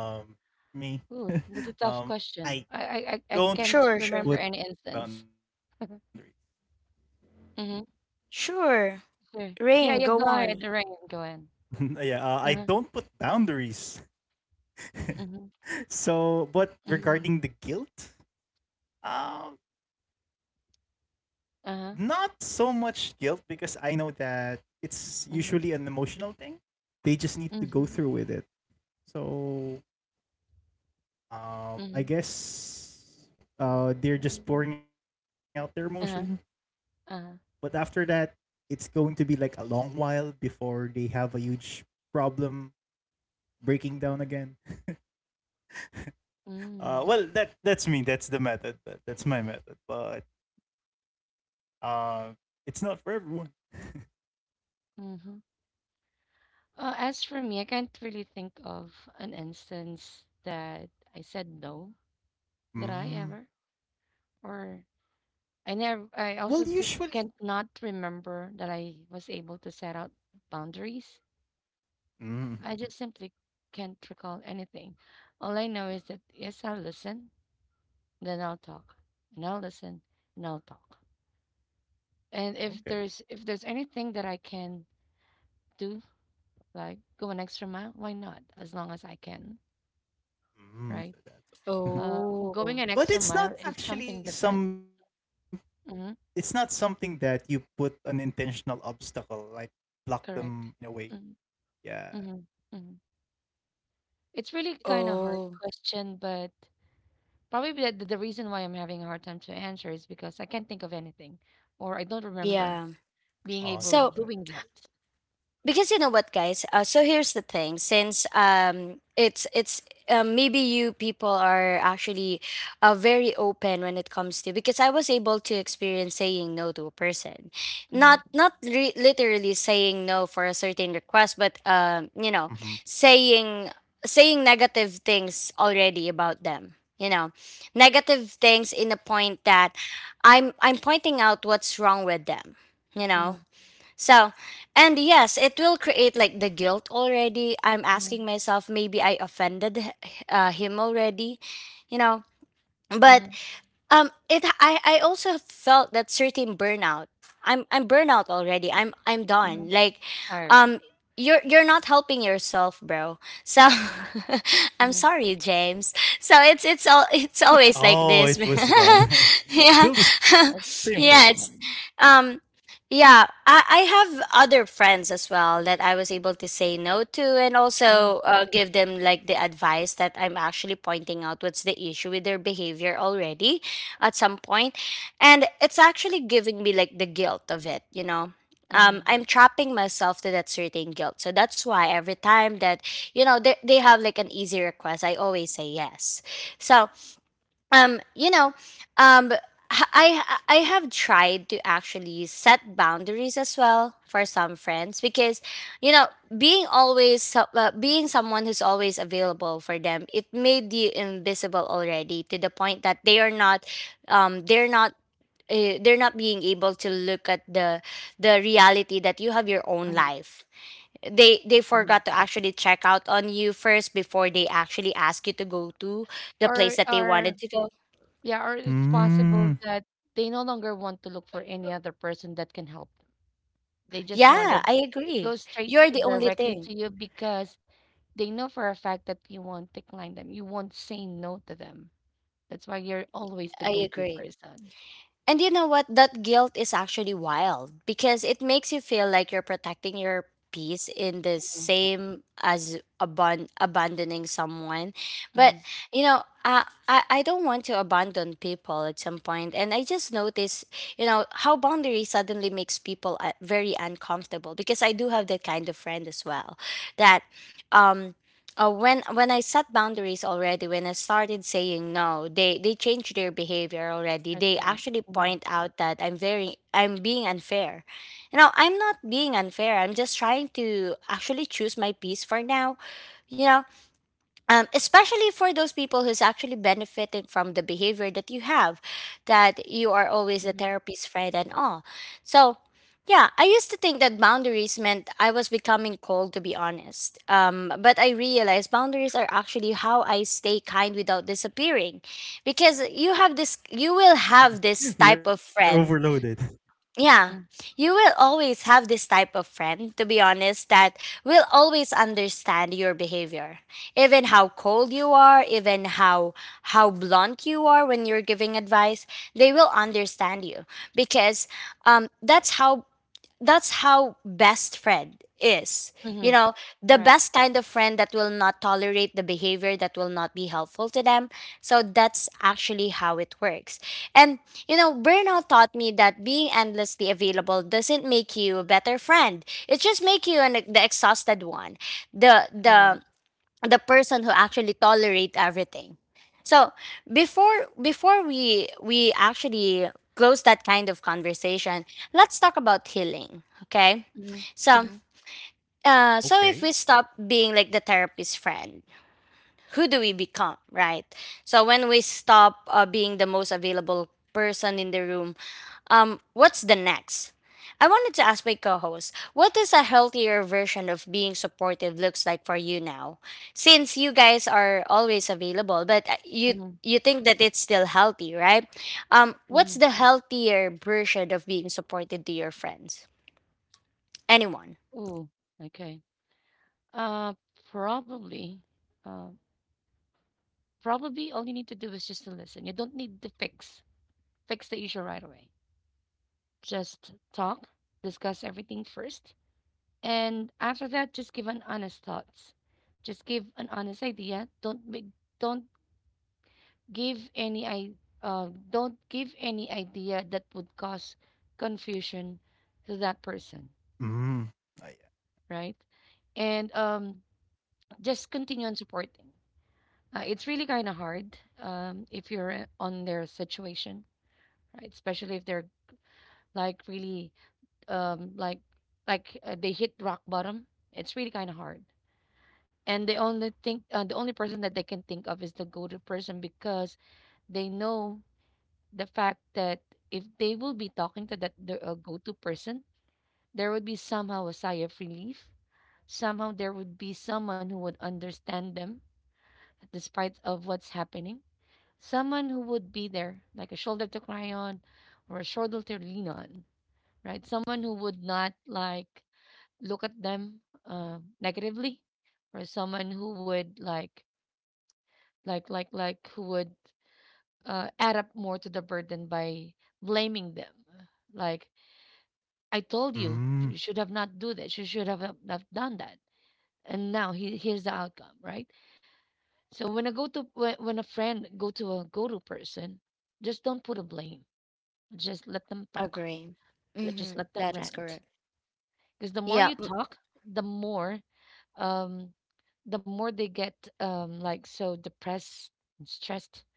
S3: Ooh, that's a tough question. I can't
S1: Sure, sure.
S3: remember any instance. Mhm,
S1: Sure.
S3: sure. Yeah,
S1: Rain,
S3: yeah, go
S1: go
S3: ahead,
S1: on.
S3: Lorraine, go ahead. Uh-huh. Mhm, mhm. Uh-huh. Mhm, mhm, mhm. Uh-huh. Uh, mm, mm-hmm. As for me, I can't really think of an instance that I said no. Did I ever? Or I never, I also did, can't not remember that I was able to set out boundaries. I just simply can't recall anything. All I know is that yes, I'll listen, then I'll talk, and I'll listen, and I'll talk. And if there's anything that I can do, like go an extra mile, why not? As long as I can, right? Uh, going
S1: Oh,
S3: an extra mile is something different. Hmm. Correct. Mm-hmm. Hmm. It's really kind of hard
S1: oh,
S3: question, but probably the reason why I'm having a hard time to answer is because I can't think of anything, or I don't remember
S1: yeah.
S3: being able
S1: So,
S3: doing that.
S1: because you know what guys, so here's the thing, since it's maybe you people are actually very open when it comes to, because I was able to experience saying no to a person,
S3: Mm-hmm.
S1: not literally saying no for a certain request, but you know, saying saying negative things already about them, you know, negative things in the point that I'm pointing out what's wrong with them, you
S3: Hmm.
S1: know. So, and yes, it will create like the guilt already. I'm
S3: Hmm.
S1: asking myself, maybe I offended him already, you know. But
S3: Hmm.
S1: it, I also felt that certain burnout. I'm burnout already. I'm
S3: Hmm.
S1: done. Like,
S3: Tired.
S1: um, you're not helping yourself, bro. So, I'm
S3: Hmm.
S1: sorry, James. So it's all it's always like this.
S3: It's changed again.
S1: Yeah,
S3: It's changed
S1: yeah. It's
S3: again.
S1: um. Yeah, I have other friends as well that I was able to say no to, and
S3: Mhm,
S1: also give them like the advice that I'm actually pointing out what's the issue with their behavior already at some point. And it's actually giving me like the guilt of it, you know.
S3: mhm,
S1: I'm trapping myself to that certain guilt. So that's why every time that, you know, they have like an easy request, I always say yes. So um you know um h- I I have tried to actually set boundaries as well for some friends because, you know, being always being someone who's always available for them, it made you invisible already to the point that they are not, um they're not they're not being able to look at the reality that you have your own
S3: mhm,
S1: life. They
S3: mhm.
S1: forgot to actually check out on you first before they actually ask you to go to the place that they
S3: Or
S1: wanted to go.
S3: Yeah, or it's possible that they no longer want to look for any other person that can help them. They just
S1: Yeah,
S3: wanted
S1: I
S3: go
S1: agree. You're the only
S3: directly
S1: thing.
S3: to you because they know for a fact that you won't decline them. You won't say no to them. That's why you're always the
S1: I
S3: go-to
S1: agree.
S3: person.
S1: And you know what? That guilt is actually wild because it makes you feel like you're protecting your peace in the same as abandoning someone.
S3: Mm-hmm.
S1: But, you know, I don't want to abandon people at some point. And I just notice, you know, how boundaries suddenly makes people very uncomfortable, because I do have that kind of friend as well that um when I set boundaries already, when I started saying no, they changed their behavior already.
S3: That's
S1: They
S3: right.
S1: actually
S3: Mm-hmm.
S1: point out that I'm being unfair. You know, I'm not being unfair. I'm just trying to actually choose my peace for now. You know, especially for those people who's actually benefiting from the behavior that you have, that you are always the
S3: Mm-hmm.
S1: therapist's friend and all. So, yeah, I used to think that boundaries meant I was becoming cold, to be honest. But I realized boundaries are actually how I stay kind without disappearing, because you have this, you will have this type of friend, yeah, you will always have this type of friend, to be honest, that will always understand your behavior. Even how cold you are, even how blunt you are when you're giving advice, they will understand you because, that's how, that's how best friend is,
S3: Mm-hmm.
S1: you know, the
S3: Correct.
S1: best kind of friend that will not tolerate the behavior that will not be helpful to them. So that's actually how it works. And you know, burnout taught me that being endlessly available doesn't make you a better friend, it just makes you an the exhausted one, the
S3: Correct.
S1: the the person who actually tolerate everything. So before we actually close that kind of conversation, let's talk about healing, okay?
S3: Mm-hmm.
S1: So
S3: Mm-hmm.
S1: so if we stop being like the therapist friend, who do we become, right? So when we stop being the most available person in the room, what's the next? I wanted to ask my co-host, what is a healthier version of being supportive looks like for you now? Since you guys are always available, but you,
S3: Mm-hmm.
S1: you think that it's still healthy, right? What's
S3: Mm-hmm.
S1: the healthier version of being supported to your friends? Anyone?
S3: Ooh. Okay. Uh, probably. Uh, probably all you need to do is just to listen. You don't need to fix the issue right away. Just talk, discuss everything first, and after that, just give an honest thoughts. Just give an honest idea. Don't give any I don't give any idea that would cause confusion to that person, right? And just continue on supporting. It's really kind of hard if you're on their situation, right? Especially if they're like really um like they hit rock bottom. It's really kind of hard, and the only thing, the only person that they can think of is the go-to person because they know the fact that if they will be talking to that the go-to person, there would be somehow a sigh of relief. Somehow there would be someone who would understand them despite of what's happening, someone who would be there like a shoulder to cry on or a shoulder to lean on, right? Someone who would not like look at them negatively, or someone who would like who would add up more to the burden by blaming them. Like, I told you, you should have not do this, you should have not not done that, and now here's the outcome, right? So when I go to when a friend go to a go to person, just don't put a blame, just let them talk.
S1: Agree.
S3: let
S1: Mm-hmm.
S3: just let them
S1: That is correct.
S3: rant because the more
S1: Yeah.
S3: you talk, the more um the more they get like so depressed and stressed,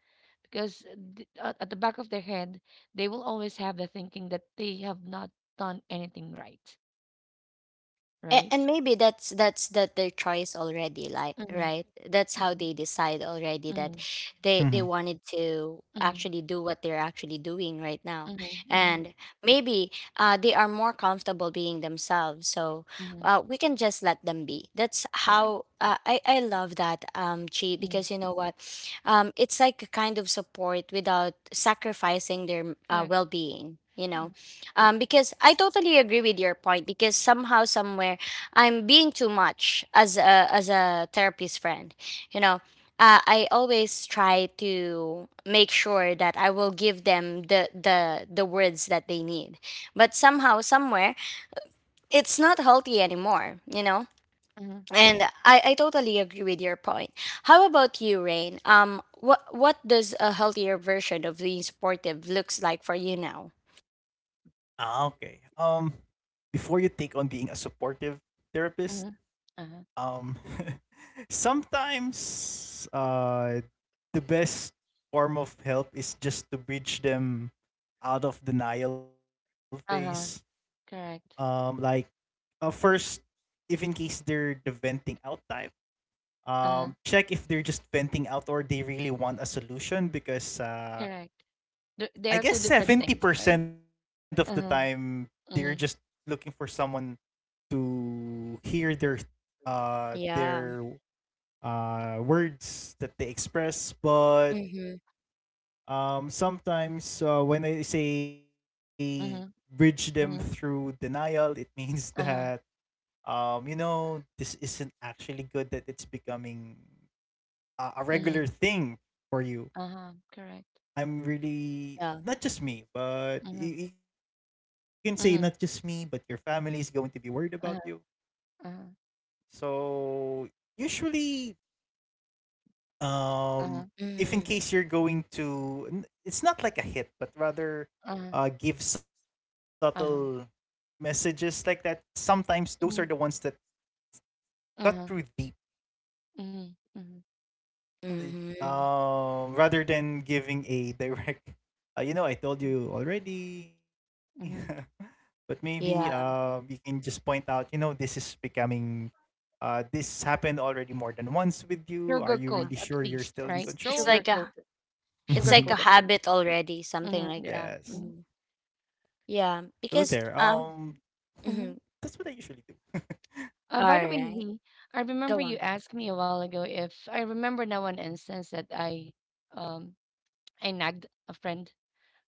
S3: because at the back of their head, they will always have the thinking that they have not done anything right,
S1: And
S3: right?
S1: maybe that's that their choice already, like,
S3: Mm-hmm,
S1: right, that's how
S3: mm-hmm,
S1: they decide already, that
S3: mm-hmm,
S1: they wanted to
S3: mm-hmm,
S1: actually do what they're actually doing right now.
S3: mm-hmm, mm-hmm,
S1: And maybe they are more comfortable being themselves, so
S3: mm-hmm,
S1: we can just let them be. That's
S3: correct.
S1: how, I love that, Chi,
S3: Mm,
S1: because you know what, it's like a kind of support without sacrificing their
S3: correct.
S1: well-being, you know.
S3: Mm-hmm,
S1: Because I totally agree with your point, because somehow somewhere I'm being too much as a, as a therapist friend. You know, I always try to make sure that I will give them the words that they need. But somehow, somewhere, it's not healthy anymore. You know,
S3: mm-hmm,
S1: and I totally agree with your point. How about you, Rain? What what does a healthier version of being supportive looks like for you now?
S3: mm-hmm, uh-huh, uh-huh, correct. Uh-huh, correct. They are two different things, right? Uh-huh. Mm-hmm,
S1: Yeah. Mm-hmm.
S3: mm-hmm, mm-hmm, uh-huh, mm-hmm, uh-huh, correct,
S1: Yeah.
S3: mm-hmm, mm-hmm. Uh-huh, uh-huh, uh-huh,
S1: Mm-hmm.
S3: uh-huh, uh-huh, mhm, uh-huh, mhm, mhm, uh-huh,
S1: Mm-hmm.
S3: mhm, mhm.
S1: Yeah.
S3: Sugarcoat
S1: Yeah.
S3: at least, right?
S1: It's like a,
S3: Sugarcoat,
S1: it's like a
S3: sugarcoat at least.
S1: habit already,
S3: Hmm,
S1: something like
S3: yeah.
S1: that.
S3: Mm-hmm.
S1: Mhm. Yeah, because
S3: Mm-hmm.
S1: mhm. All
S3: By the way,
S1: right,
S3: Z, I remember
S1: go on.
S3: you asked me a while ago if I remember now one instance that um, I nagged a friend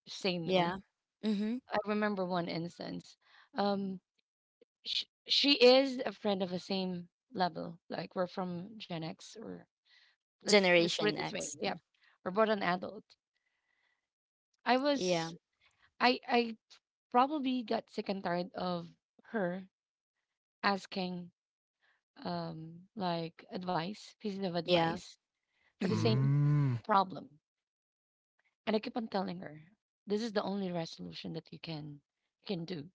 S3: to say no.
S1: Yeah, mm-hmm.
S3: I remember one instance. Um, sh she is a friend of the same level, like we're from Gen X or, let's put it
S1: Generation
S3: this way.
S1: X.
S3: Yep. Or about an adult. I
S1: Yeah,
S3: was I probably got sick and tired of her asking like advice, pieces of
S1: yeah,
S3: advice for the
S1: mm-hmm.
S3: same problem. And I keep on telling her, this is the only resolution that you can do.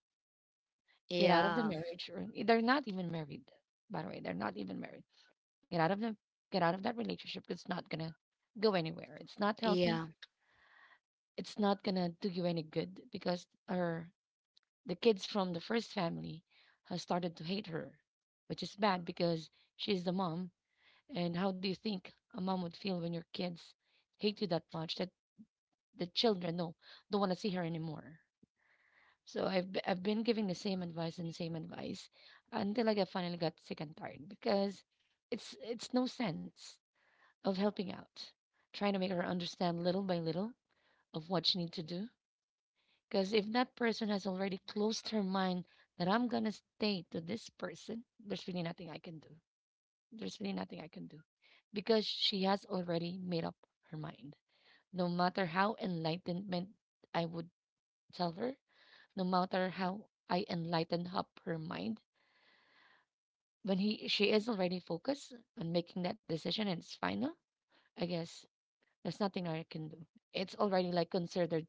S3: Get out of the
S1: Yeah,
S3: marriage, or they're not even married, by the way. They're not even married. Get out of that relationship. It's not gonna go anywhere. It's not healthy.
S1: yeah.
S3: It's not gonna do you any good, because her the kids from the first family has started to hate her, which is bad because she's the mom. And how do you think a mom would feel when your kids hate you that much that the children don't want to see her anymore? So I've been giving the same advice and same advice until I finally got sick and tired, because it's no sense of helping out, trying to make her understand little by little of what she needs to do. Because if that person has already closed her mind that I'm going to stay to this person, there's really nothing I can do. There's really nothing I can do because she has already made up her mind. No matter how enlightenment I would tell her, no matter how I enlighten up her mind, when he she is already focused on making that decision and it's final, I guess there's nothing I can do. It's already like considered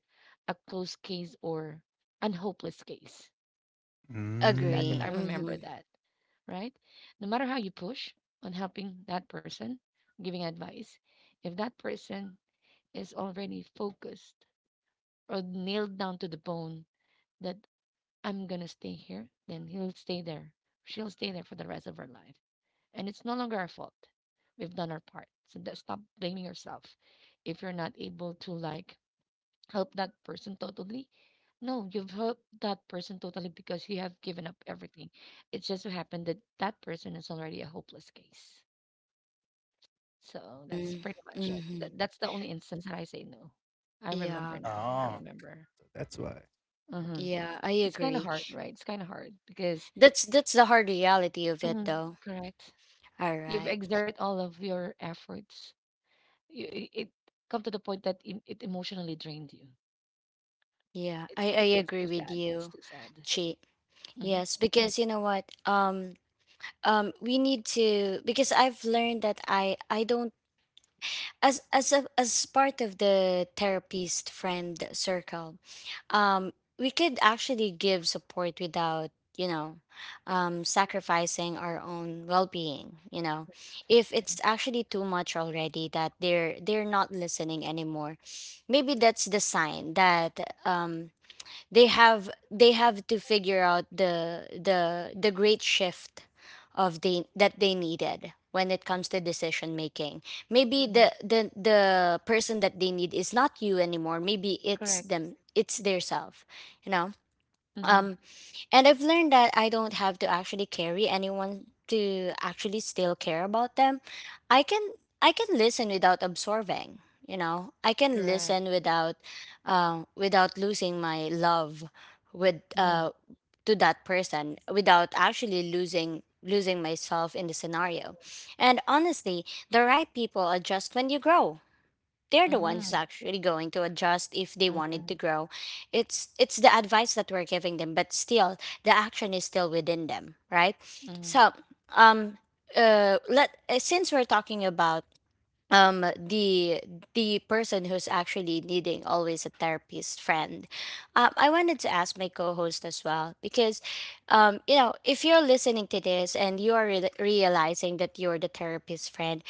S3: a closed case or an hopeless case. So that's it.
S1: Agree.
S3: I remember
S1: Mm-hmm.
S3: that, right? No matter how you push on helping that person, giving advice, if that person is already focused or nailed down to the bone that I'm going to stay here, then he'll stay there. She'll stay there for the rest of her life. And it's no longer our fault. We've done our part. So that, stop blaming yourself if you're not able to like help that person totally. No, you've helped that person totally because you have given up everything. It just so happened that that person is already a hopeless case. So that's
S1: Mm.
S3: pretty much it.
S1: Mm-hmm.
S3: That's the only instance that I say no. I
S1: Yeah,
S3: remember now. I remember. Hmm.
S1: yeah, I
S3: It's kind of
S1: agree.
S3: hard, right? It's kind of hard because,
S1: That's the hard reality of it,
S3: mhm,
S1: though.
S3: correct.
S1: All
S3: You've
S1: right.
S3: exert all of your efforts. You, it come to the point that it emotionally drained you.
S1: Yeah, I I
S3: It's
S1: agree
S3: too
S1: with
S3: sad. It's
S1: you,
S3: too sad.
S1: Chi.
S3: Hmm.
S1: Yes, because you know what? We need to, because I've learned that I don't, as part of the therapist friend circle, um we could actually give support without, you know sacrificing our own well-being, you know. If it's
S3: Right.
S1: actually too much already that they're not listening anymore, maybe that's the sign that they have to figure out the the great shift of the that they needed when it comes to decision making. Maybe
S3: Hmm.
S1: the the person that they need is not you anymore. Maybe it's
S3: Correct.
S1: them, it's their self, you know?
S3: Mhm,
S1: um and I've learned that I don't have to actually carry anyone to actually still care about them. I can, I can listen without absorbing, you know. I can listen
S3: correct.
S1: without, without losing my love with
S3: Mhm,
S1: to that person, without actually losing myself in the scenario. And honestly, the right people adjust when you grow. They're the ones
S3: mhm,
S1: actually going to adjust if they wanted to
S3: mhm,
S1: grow. It's the advice that we're giving them, but still, the action is still within them, right?
S3: mhm,
S1: So um let since we're talking about the person who's actually needing always a therapist friend, I wanted to ask my co-host as well, because you know, if you're listening to this and you are realizing that you're the therapist friend,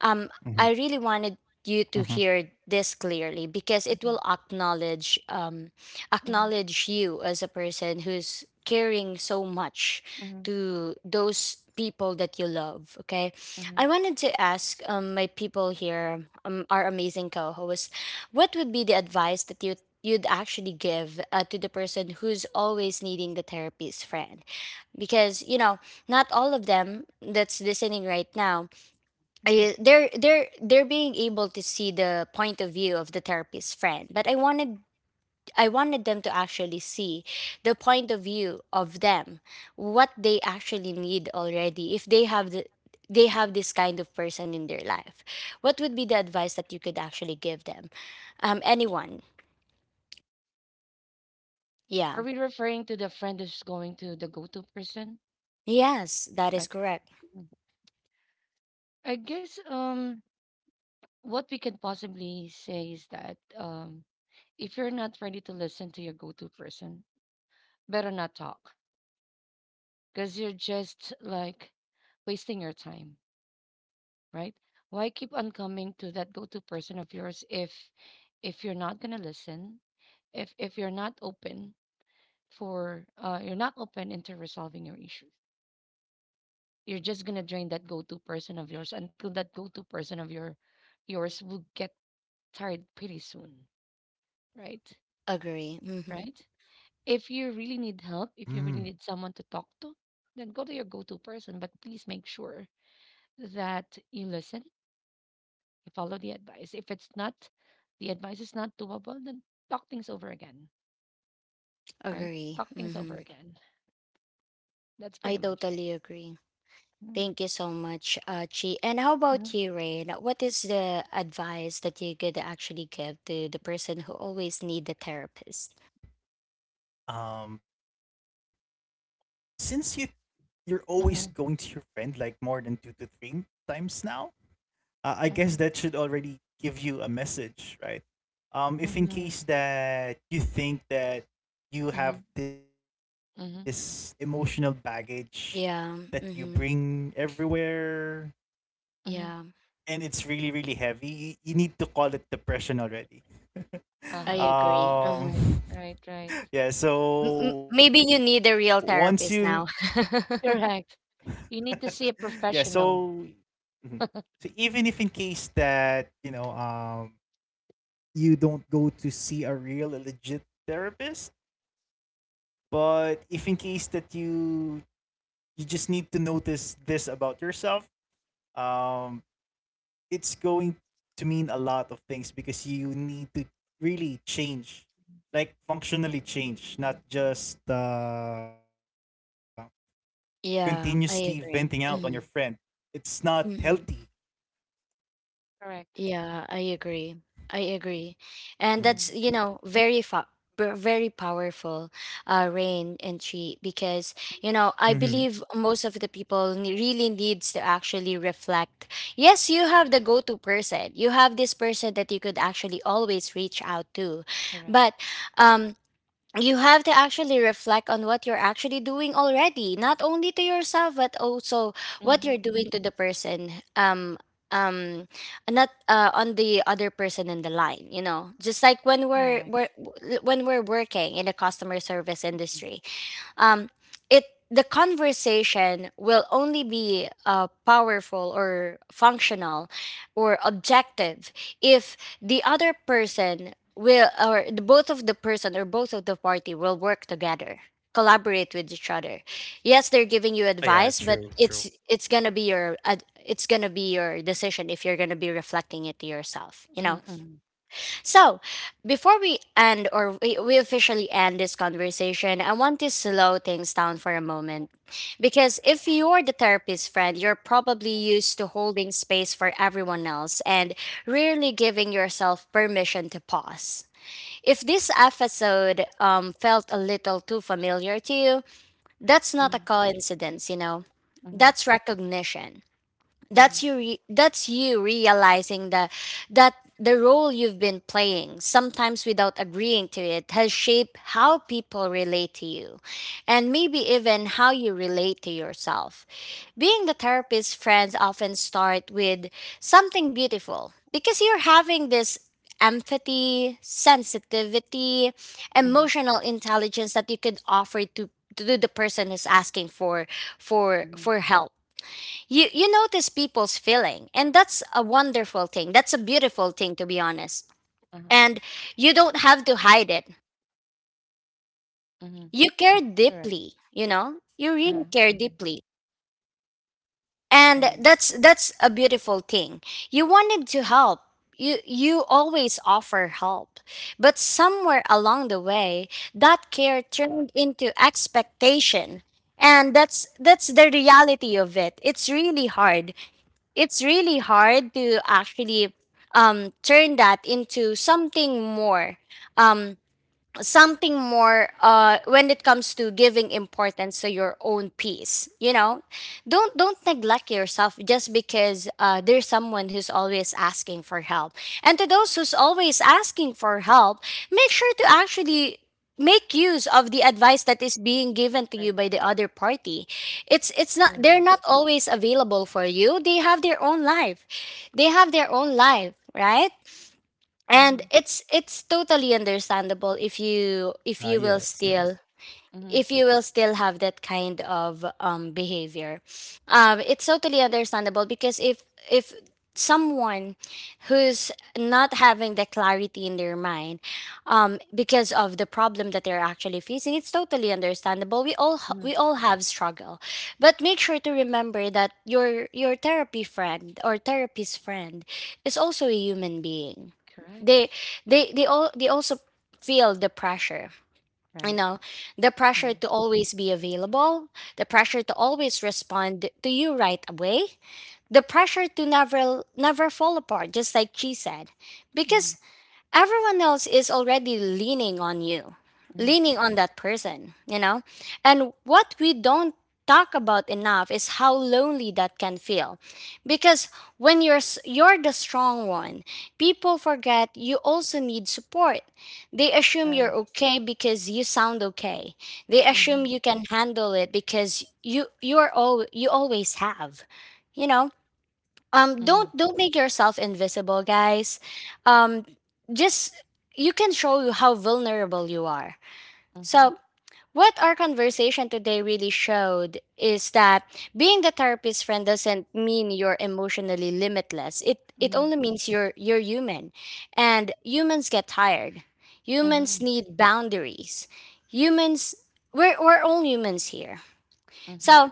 S1: um I really wanted you to hear this clearly, because it
S3: mhm,
S1: will acknowledge, um
S3: mhm,
S1: acknowledge you as a person who's caring so much
S3: mhm,
S1: to those people that you love, okay? I
S3: mhm,
S1: wanted to ask my people here, our amazing co-host, what would be the advice that you'd actually give, to the person who's always needing the therapist friend? Because you know, not all of them that's listening right now,
S3: mhm.
S1: I, they're being able to see the point of view of the therapist friend. But I wanted, I wanted them to actually see the point of view of them, what they actually need already, if they have the, they have this kind of person in their life. What would be the advice that you could actually give them? Anyone? Yeah.
S3: Are we referring to the friend who's going to the go-to person?
S1: Yes, that is
S3: Okay.
S1: correct.
S3: Mhm. I guess what we can possibly say is that if you're not ready to listen to your go-to person, better not talk because you're just like wasting your time, right? Why keep on coming to that go-to person of yours if you're not gonna listen, if you're not open for you're not open into resolving your issues. You're just gonna drain that go-to person of yours until that go-to person of yours will get tired pretty soon, right?
S1: Agree. Mm-hmm.
S3: Right? If you really need help, if you really need someone to talk to, then go to your go-to person. But please make sure that you listen, you follow the advice. If it's not the advice is not doable, then talk things over again, right?
S1: Agree.
S3: Talk things over
S1: Mm-hmm.
S3: again. That's
S1: I
S3: pretty much it.
S1: totally agree.
S3: Mm-hmm.
S1: Thank you so much, Chi. And how about you, Rain? What is the advice that you could actually give to the person who always need a therapist?
S3: Mm-hmm. Mm-hmm. Mm-hmm. Mhm,
S1: Yeah. Mhm.
S3: mhm.
S1: Yeah, I
S3: Uh-huh.
S1: agree. Mhm.
S3: Right, right, right.
S1: Maybe you need a real therapist now.
S3: Correct. You need to see a professional.
S1: Yeah, I agree. Mhm. Mhm.
S3: Correct.
S1: Yeah, I agree. I agree. And
S3: Mm,
S1: that's, you know, very powerful, uh, Rain and Treat, because you know, I believe most of the people, really needs to actually reflect. Yes, you have the go-to person, you have this person that you could actually always reach out to,
S3: correct.
S1: but um you have to actually reflect on what you're actually doing already, not only to yourself, but also what
S3: Mm-hmm.
S1: you're doing to the person. Um Not, on the other person in the line, you know, just like when
S3: Correct.
S1: we're when we're working in the customer service
S3: Mm-hmm.
S1: industry, um, it, the conversation will only be, powerful or functional or objective, if the other person will, or the, both of the person, or both of the party will work together, collaborate with each other. Yes, they're giving you advice, but it's gonna be your it's gonna be your decision if you're gonna be reflecting it to yourself, you know?
S3: Mm-hmm.
S1: So, before we end, or we officially end this conversation, I want to slow things down for a moment. Because if you're the therapist friend, you're probably used to holding space for everyone else and rarely giving yourself permission to pause. If this episode felt a little too familiar to you, that's not a
S3: Mm-hmm.
S1: coincidence, you know, that's recognition.
S3: Mm-hmm.
S1: That's that's you realizing that, that the role you've been playing, sometimes without agreeing to it, has shaped how people relate to you, and maybe even how you relate to yourself. Being the therapist friends often start with something beautiful, because you're having this empathy, sensitivity,
S3: Mm-hmm.
S1: emotional intelligence that you could offer to the person who's asking for,
S3: Mm-hmm.
S1: for help. You notice people's feeling, and that's a wonderful thing. That's a beautiful thing, to be honest.
S3: Uh-huh.
S1: And you don't have to hide it.
S3: Mm-hmm.
S1: You care
S3: Correct.
S1: deeply, you know? You really
S3: Uh-huh.
S1: care
S3: Uh-huh.
S1: deeply. And
S3: Right.
S1: that's a beautiful thing. You wanted to help. You always offer help. But somewhere along the way, that care turned into expectation. And that's the reality of it. It's really hard, it's really hard to actually, turn that into something more. Um, something more, uh, when it comes to giving importance to your own peace, you know? Don't neglect yourself just because, uh, there's someone who's always asking for help. And to those who's always asking for help, make sure to actually make use of the advice that is being given to you
S3: Right.
S1: by the other party. It's not, they're
S3: Correct.
S1: not always available for you, they have their own life, they have their own life, right? And
S3: Mm-hmm.
S1: it's totally understandable if you, if you will still,
S3: Mm-hmm.
S1: if you will still have that kind of, behavior. Um, it's totally understandable, because if someone who's not having the clarity in their mind, because of the problem that they're actually facing, it's totally understandable, we all
S3: Mm-hmm.
S1: we all have struggle. But make sure to remember that your therapy friend or therapist friend is also a human being. They,
S3: Correct.
S1: they all they also feel the pressure, you
S3: Right.
S1: know? The pressure
S3: Mm-hmm.
S1: to always be available, the pressure to always respond to you right away, the pressure to never fall apart, just like she said.
S3: Mm-hmm.
S1: Because everyone else is already leaning on you,
S3: Mm-hmm.
S1: leaning on that person, you know? And what we don't talk about enough is how lonely that can feel. Because when you're you're the strong one, people forget you also need support. They assume you're
S3: Right.
S1: okay because you sound okay. They assume
S3: Mm-hmm.
S1: you can handle it because you are all you always have, you know? um
S3: Mm-hmm.
S1: don't don't make yourself invisible, guys. Um just you can show you how vulnerable you are.
S3: Mm-hmm.
S1: So, what our conversation today really showed is that being the therapist friend doesn't mean you're emotionally limitless. It only means you're human. And humans get tired, humans
S3: Mm-hmm.
S1: need boundaries, humans, we're all humans here.
S3: Mm-hmm.
S1: So,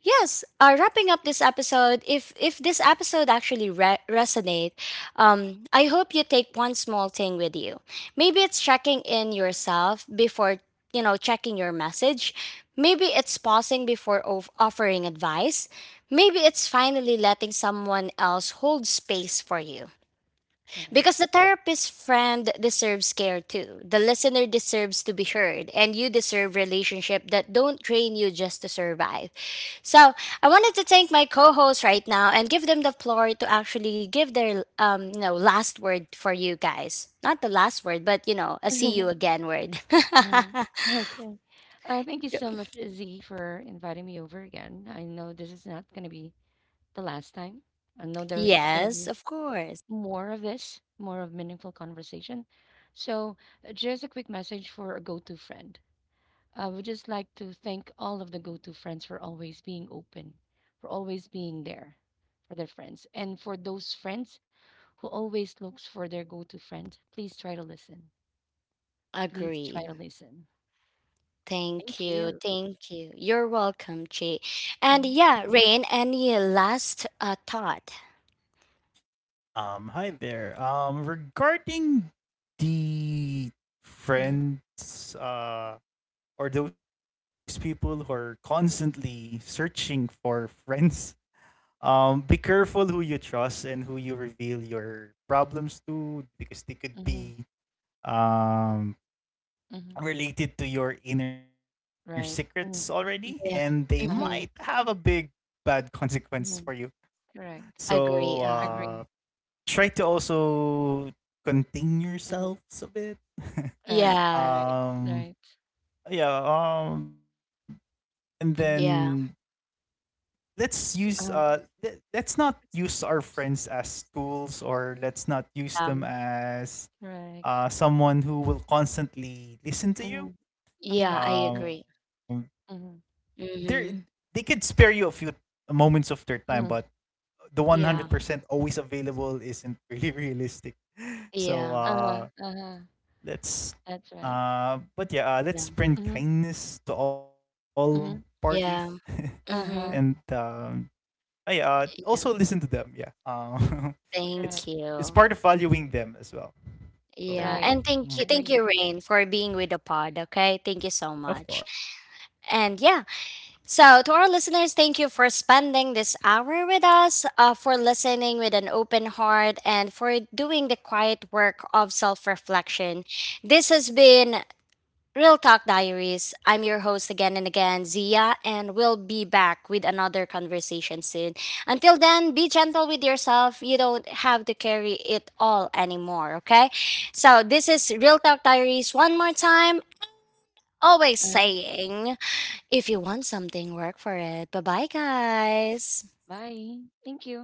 S1: yes, wrapping up this episode, if this episode actually resonate, I hope you take one small thing with you. Maybe it's checking in yourself before, you know, checking your message. Maybe it's pausing before offering advice. Maybe it's finally letting someone else hold space for you.
S3: All right.
S1: Because the therapist friend deserves care too. The listener deserves to be heard, and you deserve relationship that don't train you just to survive. So, I wanted to thank my co-hosts right now and give them the floor to actually give their, um, you know, last word for you guys. Not the last word, but, you know, a see you again word.
S3: Uh, okay. Thank you so much, Z, for inviting me over again. I know this is not going to be the last time. I know there's going to
S1: Yes,
S3: be
S1: of course.
S3: more of this, more of meaningful conversation. So, just a quick message for a go to friend. I would just like to thank all of the go to friends for always being open, for always being there for their friends. And for those friends who always looks for their go to friend, please try to listen. Please try
S1: Agree.
S3: to listen.
S1: Thank
S3: Thank
S1: you.
S3: you.
S1: Thank you. You're welcome, Chi. And
S3: Mm-hmm.
S1: yeah, Rain, any last, thought?
S3: Mhm, mhm, mhm. Right. Mhm, mhm,
S1: Yeah.
S3: uh-huh,
S1: Mhm.
S3: mhm, correct.
S1: Agree. Uh-huh.
S3: Agree. Mhm, right,
S1: Yeah.
S3: right, right. Mhm,
S1: Yeah.
S3: uh-huh,
S1: Um,
S3: correct. Mhm,
S1: yeah,
S3: mhm,
S1: I
S3: mhm,
S1: agree.
S3: mhm,
S1: Mm-hmm.
S3: mhm, right.
S1: Yeah. Yeah.
S3: Uh-huh, uh-huh, that's right.
S1: Yeah.
S3: Mhm, mhm,
S1: Yeah.
S3: uh-huh,
S1: Mm-hmm. Yeah.
S3: correct.
S1: Thank you. Yeah.
S3: Right.
S1: And thank you. Thank
S3: Agree.
S1: you, Rain, for being with the pod. Okay. Thank you so much. And yeah. So, to our listeners, thank you for spending this hour with us, for listening with an open heart, and for doing the quiet work of self reflection. This has been Real Talk Diaries. I'm your host again and again, Zia, and we'll be back with another conversation soon. Until then, be gentle with yourself. You don't have to carry it all anymore, okay? So, this is Real Talk Diaries one more time, always
S3: Uh-huh.
S1: saying. If you want something, work for it. Bye bye, guys.
S3: Bye. Thank you.